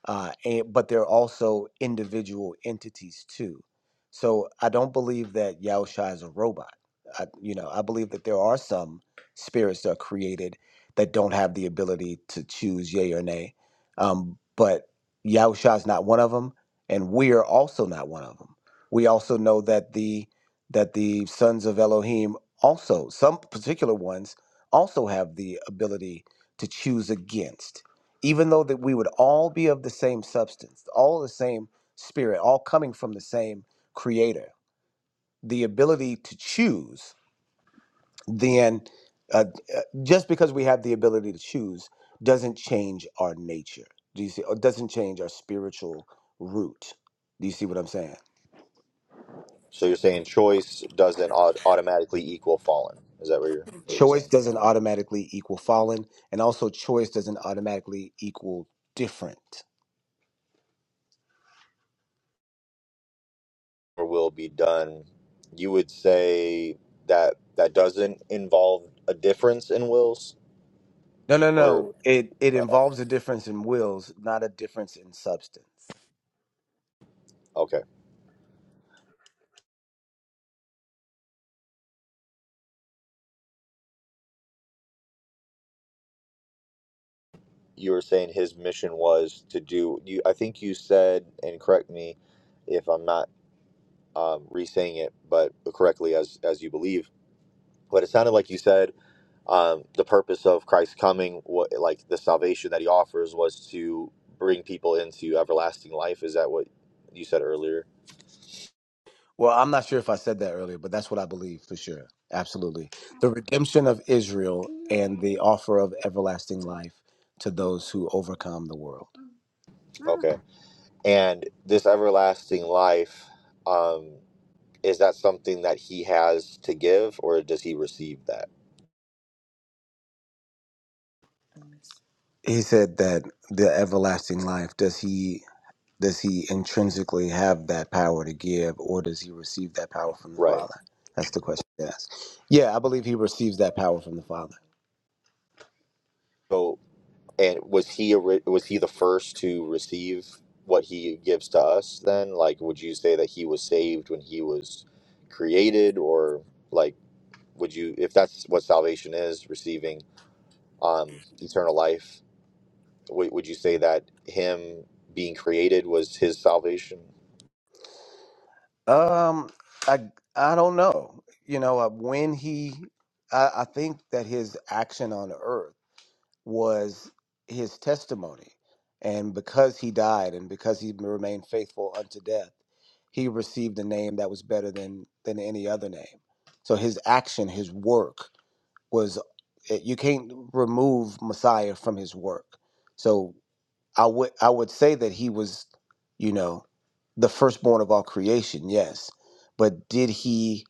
[SPEAKER 4] uh, and, but they're also individual entities too. So I don't believe that Yaosha is a robot. I, you know, I believe that there are some spirits that are created that don't have the ability to choose yay or nay, um, but Yaosha is not one of them, and we are also not one of them. We also know that the that the sons of Elohim also some particular ones also have the ability to choose against even though that we would all be of the same substance, all the same spirit, all coming from the same creator, the ability to choose, then uh, uh, just because we have the ability to choose doesn't change our nature. Do you see? Or doesn't change our spiritual root. Do you see what I'm saying?
[SPEAKER 1] So you're saying choice doesn't au- automatically equal fallen. Is that what you're what you're
[SPEAKER 4] Choice
[SPEAKER 1] saying?
[SPEAKER 4] doesn't automatically equal fallen, and also choice doesn't automatically equal different.
[SPEAKER 1] Or will be done? You would say that that doesn't involve a difference in wills,
[SPEAKER 4] No, no,
[SPEAKER 1] or
[SPEAKER 4] no. It it
[SPEAKER 1] uh,
[SPEAKER 4] involves a difference in wills, not a difference in substance.
[SPEAKER 1] Okay. You were saying his mission was to do you I think you said and correct me if I'm not um re-saying it but correctly as as you believe. But it sounded like you said um the purpose of Christ's coming what like the salvation that he offers was to bring people into everlasting life. Is that what you said earlier?
[SPEAKER 4] Well, I'm not sure if I said that earlier, but that's what I believe for sure. Absolutely. The redemption of Israel and the offer of everlasting life to those who overcome the world.
[SPEAKER 1] Okay. And this everlasting life um is that something that he has to give or does he receive that?
[SPEAKER 4] He said that the everlasting life does he does he intrinsically have that power to give or does he receive that power from the
[SPEAKER 1] Right.
[SPEAKER 4] Father? That's the question he asked. Yeah, I believe he receives that power from the Father.
[SPEAKER 1] So. And was he a, ri- was he the first to receive what he gives to us? Then, like, would you say that he was saved when he was created, or like, would you, if that's what salvation is, receiving um, eternal life? Would, would you say that him being created was his salvation?
[SPEAKER 4] Um I I don't know. You know, uh, when he I, I think that his action on earth was his testimony. And because he died and because he remained faithful unto death, he received a name that was better than than any other name. So his action, his work was eh, you can't remove Messiah from his work. So I would I would say that he was, you know, the firstborn of all creation, yes. But did he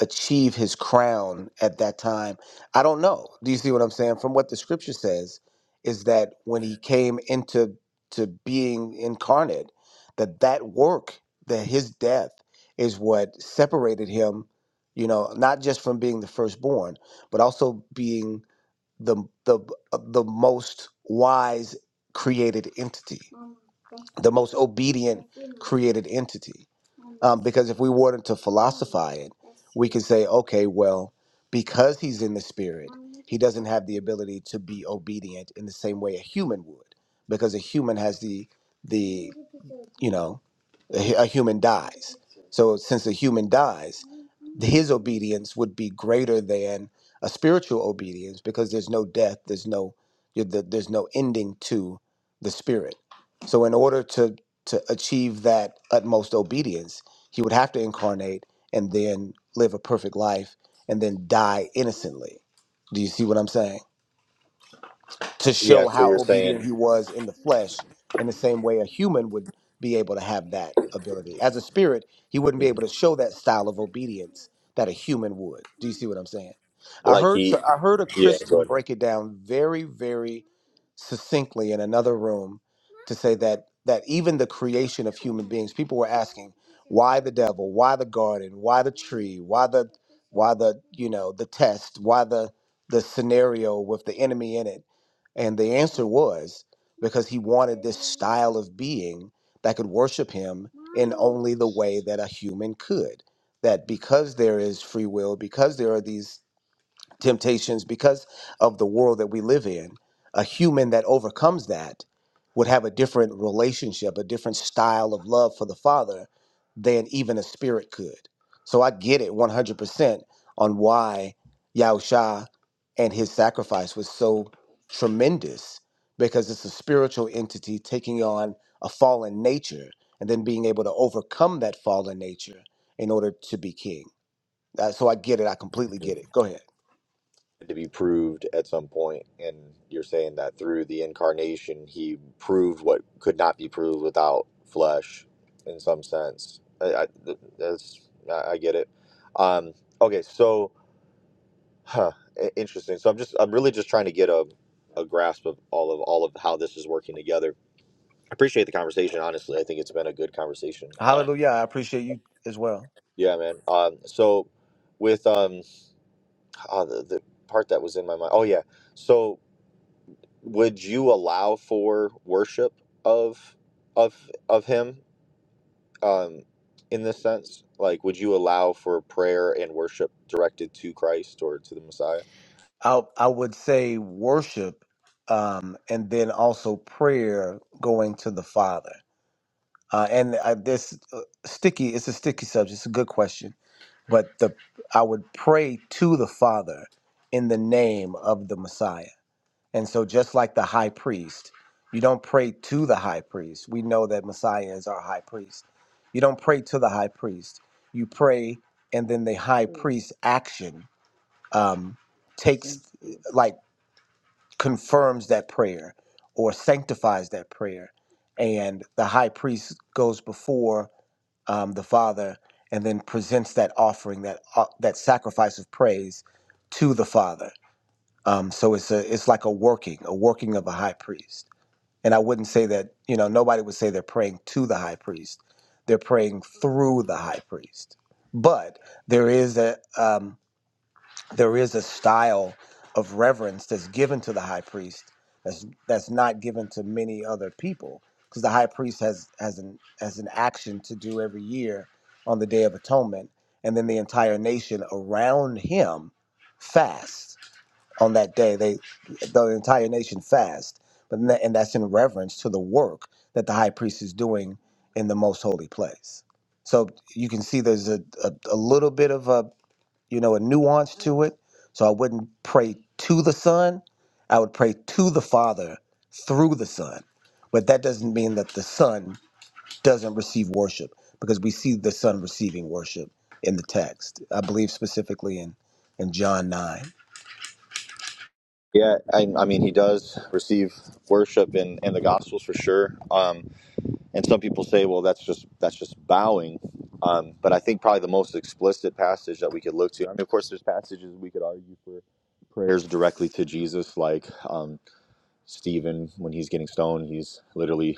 [SPEAKER 4] achieve his crown at that time. I don't know. Do you see what I'm saying? From what the scripture says, is that when he came into to being incarnate, that that work, that his death, is what separated him. You know, not just from being the firstborn, but also being the the uh, the most wise created entity. the most obedient created entity. Um, because if we wanted to philosophize it, we could say, okay, well, because he's in the spirit, he doesn't have the ability to be obedient in the same way a human would, because a human has the the you know a, hu- a human dies. So since a human dies, his obedience would be greater than a spiritual obedience because there's no death, there's no there's no ending to the spirit. So in order to to achieve that utmost obedience, he would have to incarnate and then live a perfect life and then die innocently. Do you see what I'm saying? To
[SPEAKER 1] Yeah.
[SPEAKER 4] show
[SPEAKER 1] So you're
[SPEAKER 4] how obedient
[SPEAKER 1] saying,
[SPEAKER 4] he was in the flesh, in the same way a human would be able to have that ability. As a spirit, he wouldn't be
[SPEAKER 1] Mhm.
[SPEAKER 4] able to show that style of obedience that a human would. Do you see what I'm saying? I
[SPEAKER 1] like
[SPEAKER 4] heard so,
[SPEAKER 1] he,
[SPEAKER 4] I heard a
[SPEAKER 1] yeah. Go ahead.
[SPEAKER 4] Christian break it down very very succinctly in another room to say that that even the creation of human beings, people were asking, why the devil? Why the garden? Why the tree? Why the why the you know the test? Why the the scenario with the enemy in it? And the answer was because he wanted this style of being that could worship him in only the way that a human could. That because there is free will, because there are these temptations because of the world that we live in a human that overcomes that would have a different relationship a different style of love for the father than even a spirit could so i get it 100% on why Yahusha and his sacrifice was so tremendous because it's a spiritual entity taking on a fallen nature and then being able to overcome that fallen nature in order to be king Uh, so i get it i completely get it go ahead
[SPEAKER 1] to be proved at some point and you're saying that through the incarnation he proved what could not be proved without flesh in some sense i, I that's I, I get it um okay so huh i- interesting so i'm just i'm really just trying to get a a grasp of all of all of how this is working together i appreciate the conversation honestly i think it's been a good conversation um
[SPEAKER 4] Hallelujah. I appreciate you as well.
[SPEAKER 1] yeah man um so with um ah the, the part that was in my mind oh yeah so would you allow for worship of of of him um in this sense like would you allow for prayer and worship directed to christ or to the messiah
[SPEAKER 4] I I would say worship, um, and then also prayer going to the Father. Uh, and I, this uh, sticky. It's a sticky subject. It's a good question, but the I would pray to the Father in the name of the Messiah. And so, just like the high priest, you don't pray to the high priest. We know that Messiah is our high priest. You don't pray to the high priest. You pray, and then the high priest's action um, takes like confirms that prayer or sanctifies that prayer and the high priest goes before um, the father and then presents that offering that uh, that sacrifice of praise to the father um, so it's a it's like a working a working of a high priest and i wouldn't say that you know nobody would say they're praying to the high priest they're praying through the high priest but there is a um, there is a style of reverence that's given to the high priest that's that's not given to many other people because the high priest has has an has an action to do every year on the day of atonement and then the entire nation around him fast on that day they the entire nation fast but then that- and that's in reverence to the work that the high priest is doing in the most holy place so you can see there's a, a, a little bit of a you know, a nuance to it. So I wouldn't pray to the Son. I would pray to the Father through the Son. But that doesn't mean that the Son doesn't receive worship because we see the Son receiving worship in the text. I believe specifically in in John 9.
[SPEAKER 1] yeah i, I mean he does receive worship in in the gospels for sure um and some people say well that's just that's just bowing um but i think probably the most explicit passage that we could look to i mean of course there's passages we could argue for prayers directly to jesus like um Stephen, when he's getting stoned, he's literally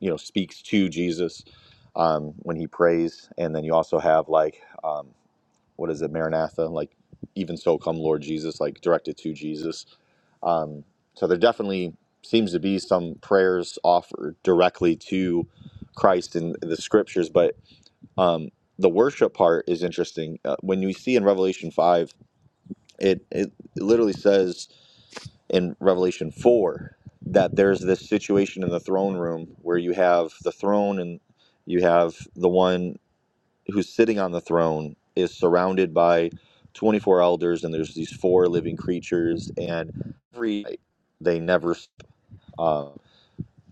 [SPEAKER 1] you know speaks to Jesus um, when he prays, and then you also have like um, what is it, Maranatha, like even so come Lord Jesus, like directed to Jesus. Um, so there definitely seems to be some prayers offered directly to Christ in the scriptures, but um, the worship part is interesting. Uh, when you see in Revelation five, it it, it literally says in Revelation 4 that there's this situation in the throne room where you have the throne and you have the one who's sitting on the throne is surrounded by 24 elders and there's these four living creatures and they never stop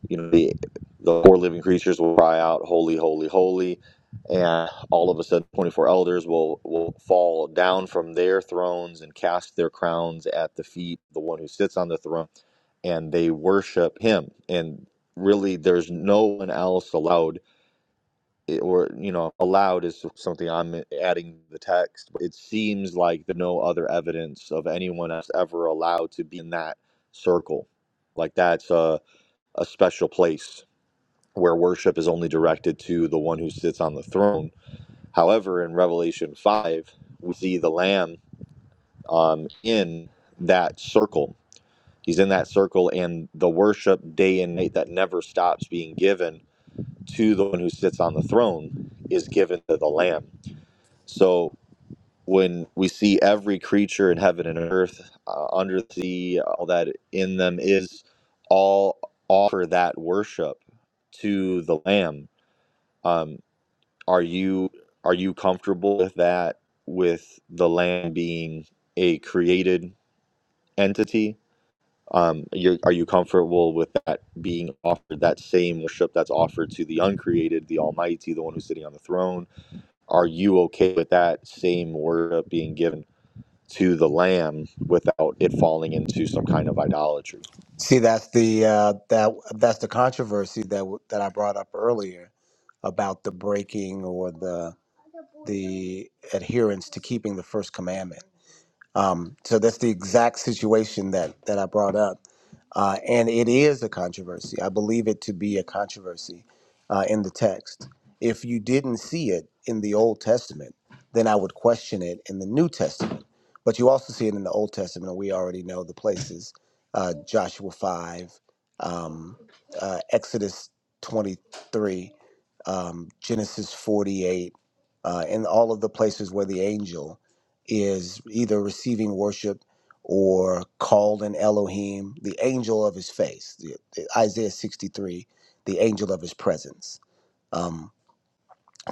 [SPEAKER 1] you know the, the four living creatures will cry out holy holy holy and all of a sudden 24 elders will will fall down from their thrones and cast their crowns at the feet of the one who sits on the throne and they worship him and really there's no one else allowed eh, or you know allowed is something i'm adding to the text it seems like there's no other evidence of anyone else ever allowed to be in that circle like that's a, a special place where worship is only directed to the one who sits on the throne. However, in Revelation 5, we see the Lamb um, in that circle. He's in that circle, and the worship day and night that never stops being given to the one who sits on the throne is given to the Lamb. So when we see every creature in heaven and earth, uh, under the sea, all that in them is, all offer that worship to the Lamb. Um, Are you are you comfortable with that? With the land being a created entity, um, you're, are you comfortable with that being offered? That same worship that's offered to the uncreated, the Almighty, the one who's sitting on the throne. Are you okay with that same worship being given to the Lamb without it falling into some kind of idolatry?
[SPEAKER 4] See, that's the uh, that that's the controversy that w- that I brought up earlier about the breaking or the the adherence to keeping the first commandment Um, so that's the exact situation that that I brought up, uh, and it is a controversy. I believe it to be a controversy uh, in the text. If you didn't see it in the Old Testament, then I would question it in the New Testament. But you also see it in the Old Testament, and we already know the places: uh, Joshua five, um, uh, Exodus twenty three, um, Genesis forty eight, uh, and all of the places where the angel is either receiving worship or called an Elohim, the angel of his face, the, the- Isaiah 63, the angel of his presence. Um,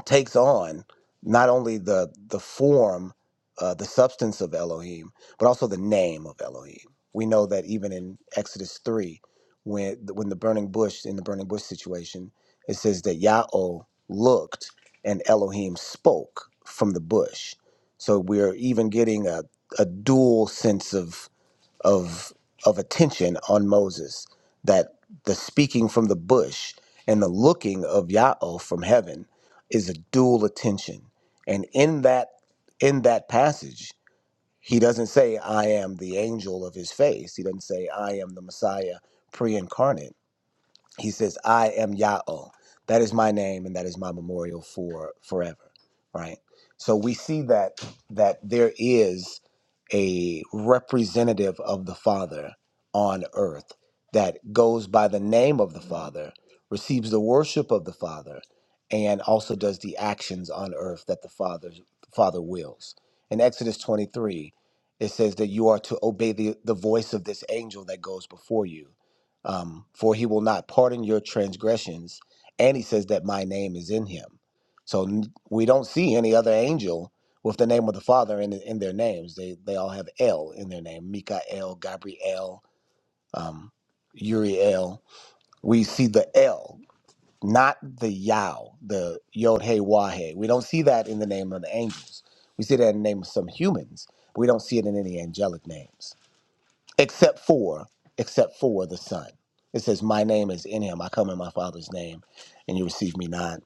[SPEAKER 4] takes on not only the the form, uh, the substance of Elohim, but also the name of Elohim. We know that even in Exodus three, when when the burning bush in the burning bush situation, it says that Yahweh looked and Elohim spoke from the bush. So we're even getting a a dual sense of of of attention on Moses that the speaking from the bush and the looking of Yahweh from heaven is a dual attention and in that in that passage he doesn't say I am the angel of his face he doesn't say I am the Messiah pre-incarnate he says, I am Yahweh. That is my name and that is my memorial for forever. Right? So we see that that there is a representative of the Father on earth that goes by the name of the Father, receives the worship of the Father, and also does the actions on earth that the Father Father wills. In Exodus 23, it says that you are to obey the, the voice of this angel that goes before you um, for he will not pardon your transgressions. And he says that my name is in him. So n- we don't see any other angel with the name of the Father in, in their names. They they all have El in their name Mikael, Gabriel, um, Uriel. We see the El, not the Yao, the Yod Hey He Hey. We don't see that in the name of the angels. We see that in the name of some humans. We don't see it in any angelic names except for except for the son it says my name is in him i come in my father's name and you receive me not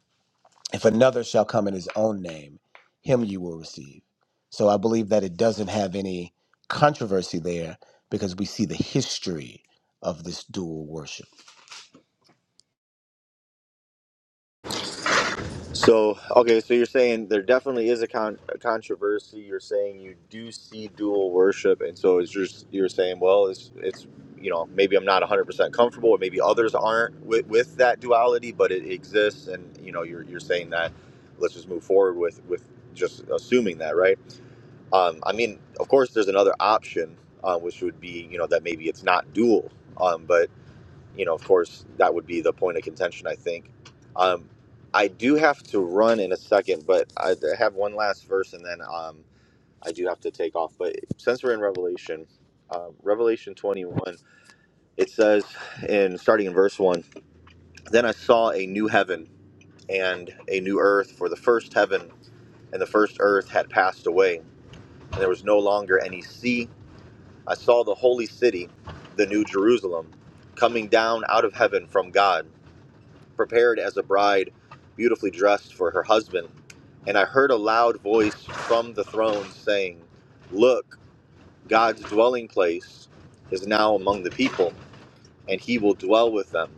[SPEAKER 4] if another shall come in his own name him you will receive so i believe that it doesn't have any controversy there because we see the history of this dual worship
[SPEAKER 1] So, okay, so you're saying there definitely is a, con- a controversy. You're saying you do see dual worship, and so it's just you're saying, well, it's it's you know maybe I'm not 100 percent comfortable, or maybe others aren't with, with that duality, but it exists, and you know you're you're saying that let's just move forward with with just assuming that, right? Um, I mean, of course, there's another option, uh, which would be you know that maybe it's not dual, um, but you know, of course, that would be the point of contention, I think. Um, I do have to run in a second, but I have one last verse and then um, I do have to take off. But since we're in Revelation, uh, Revelation 21, it says, in starting in verse 1, Then I saw a new heaven and a new earth, for the first heaven and the first earth had passed away, and there was no longer any sea. I saw the holy city, the new Jerusalem, coming down out of heaven from God prepared as a bride, beautifully dressed for her husband. And I heard a loud voice from the throne saying, Look, God's dwelling place is now among the people, and he will dwell with them.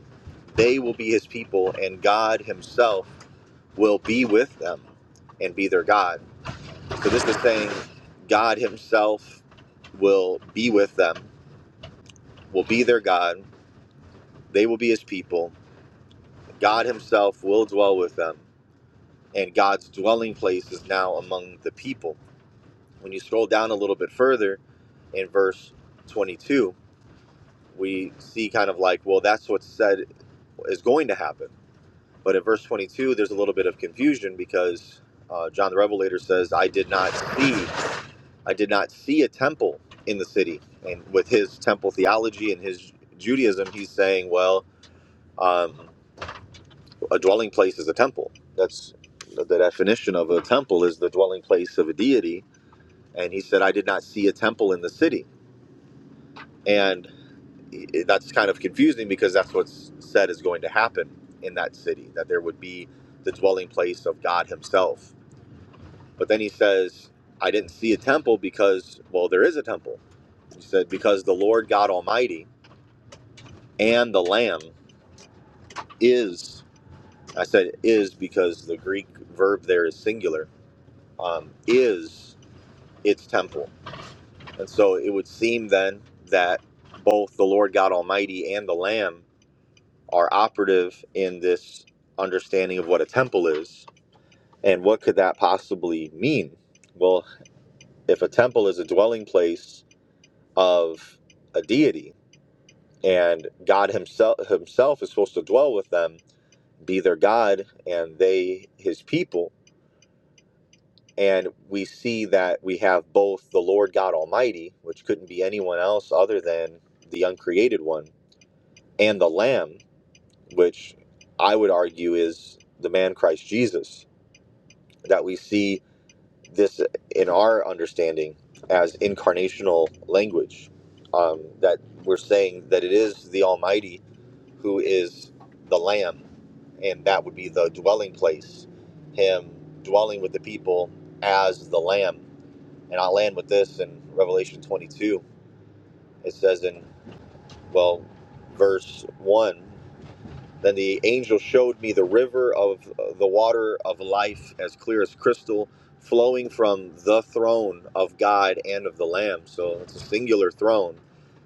[SPEAKER 1] They will be his people, and God himself will be with them and be their God. So this is saying God himself will be with them, will be their God. They will be his people. God himself will dwell with them and God's dwelling place is now among the people. When you scroll down a little bit further in verse 22, we see kind of like, well, that's what's said is going to happen. But in verse 22, there's a little bit of confusion because uh, John the Revelator says, I did not see, I did not see a temple in the city. And with his temple theology and his Judaism, he's saying, well, um, a dwelling place is a temple. That's the definition of a temple is the dwelling place of a deity and he said i did not see a temple in the city and that's kind of confusing because that's what's said is going to happen in that city that there would be the dwelling place of god himself but then he says i didn't see a temple because well there is a temple he said because the lord god almighty and the lamb is i said is because the greek verb there is singular um, is its temple and so it would seem then that both the lord god almighty and the lamb are operative in this understanding of what a temple is and what could that possibly mean well if a temple is a dwelling place of a deity and god himself himself is supposed to dwell with them be their god and they his people and we see that we have both the lord god almighty which couldn't be anyone else other than the uncreated one and the lamb which i would argue is the man christ jesus that we see this in our understanding as incarnational language. Um, that we're saying that it is the Almighty who is the Lamb, and that would be the dwelling place, Him dwelling with the people as the Lamb. And I'll land with this in Revelation 22. It says in, well, verse 1 then the angel showed me the river of uh, the water of life, as clear as crystal, flowing from the throne of God and of the Lamb. So it's a singular throne,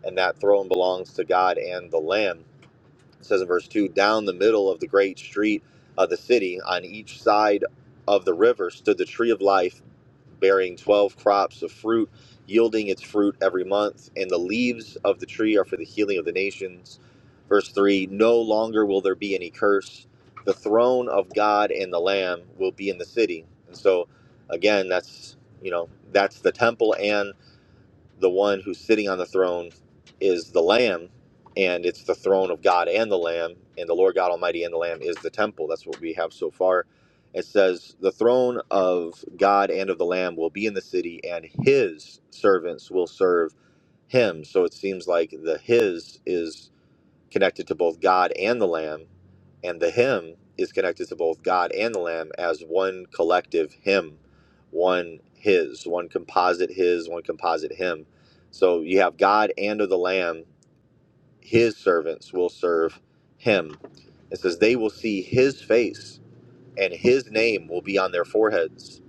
[SPEAKER 1] and that throne belongs to God and the Lamb it says in verse 2 Down the middle of the great street of the city, on each side of the river, stood the tree of life, bearing 12 crops of fruit, yielding its fruit every month. And the leaves of the tree are for the healing of the nations. Verse 3 No longer will there be any curse. The throne of God and the Lamb will be in the city. And so, again, that's, you know, that's the temple and the one who's sitting on the throne is the lamb and it's the throne of god and the lamb and the lord god almighty and the lamb is the temple that's what we have so far it says the throne of god and of the lamb will be in the city and his servants will serve him so it seems like the his is connected to both god and the lamb and the hymn is connected to both God and the Lamb as one collective hymn, one His, one composite His, one composite Him. So you have God and of the Lamb, His servants will serve Him. It says they will see His face, and His name will be on their foreheads.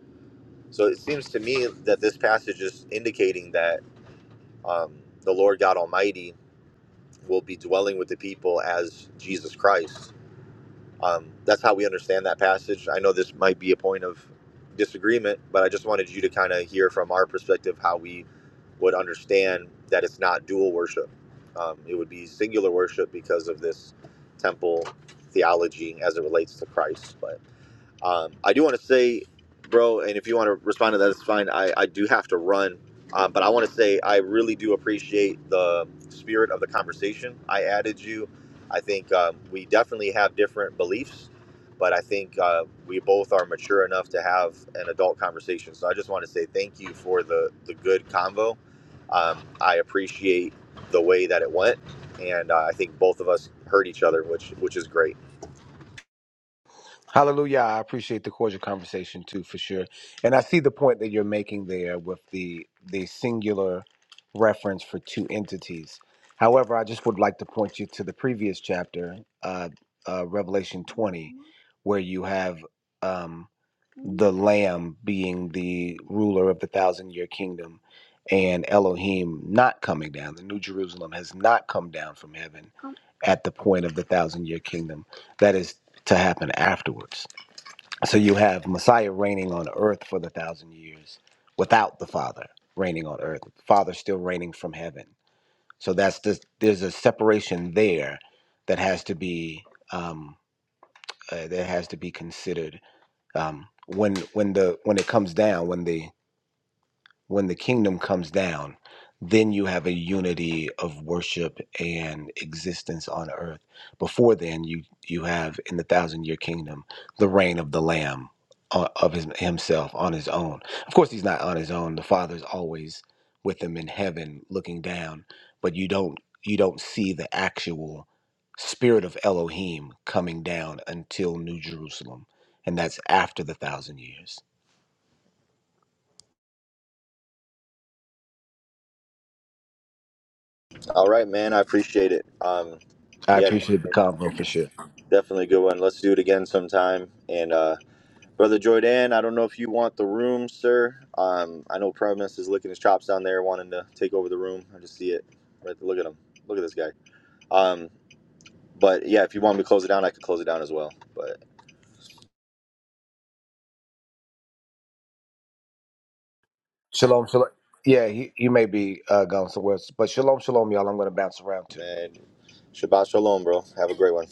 [SPEAKER 1] So it seems to me that this passage is indicating that um, the Lord God Almighty will be dwelling with the people as Jesus Christ Um, that's how we understand that passage. I know this might be a point of disagreement, but I just wanted you to kind of hear from our perspective how we would understand that it's not dual worship. Um, it would be singular worship because of this temple theology as it relates to Christ. But. Um, I do want to say, bro, and if you want to respond to that, it's fine. I, I do have to run. Um, but I want to say I really do appreciate the spirit of the conversation. I added you. I think um, we definitely have different beliefs, but I think uh, we both are mature enough to have an adult conversation. So I just want to say thank you for the, the good convo. Um, I appreciate the way that it went, and uh, I think both of us heard each other, which which is great.
[SPEAKER 4] Hallelujah. I appreciate the cordial conversation too, for sure. And I see the point that you're making there with the the singular reference for two entities. However, I just would like to point you to the previous chapter, uh, uh, Revelation 20, where you have um, the Lamb being the ruler of the thousand year kingdom and Elohim not coming down. The New Jerusalem has not come down from heaven at the point of the thousand year kingdom. That is to happen afterwards. So you have Messiah reigning on earth for the thousand years without the Father reigning on earth. Father still reigning from heaven. So that's the, there's a separation there that has to be um, uh, that has to be considered um, when when the when it comes down when the when the kingdom comes down, then you have a unity of worship and existence on earth. Before then, you you have in the thousand year kingdom the reign of the Lamb uh, of his, himself on his own. Of course, he's not on his own. The Father's always with him in heaven, looking down. But you don't you don't see the actual spirit of Elohim coming down until New Jerusalem, and that's after the thousand years.
[SPEAKER 1] All right, man. I appreciate it. Um,
[SPEAKER 4] I
[SPEAKER 1] yeah,
[SPEAKER 4] appreciate the convo for sure.
[SPEAKER 1] definitely a good one. Let's do it again sometime. And uh, brother Jordan, I don't know if you want the room, sir. Um, I know Premise is licking his chops down there, wanting to take over the room. I just see it. Right, look at him. Look at this guy. Um, but yeah, if you want me to close it down, I could close it down as well. But
[SPEAKER 4] Shalom, shalom. Yeah, you, you may be uh, going somewhere, else, but shalom, shalom, y'all. I'm going to bounce around too.
[SPEAKER 1] man, Shabbat Shalom, bro. Have a great one.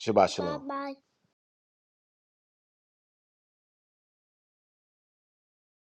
[SPEAKER 4] Shabbat shalom. Bye-bye.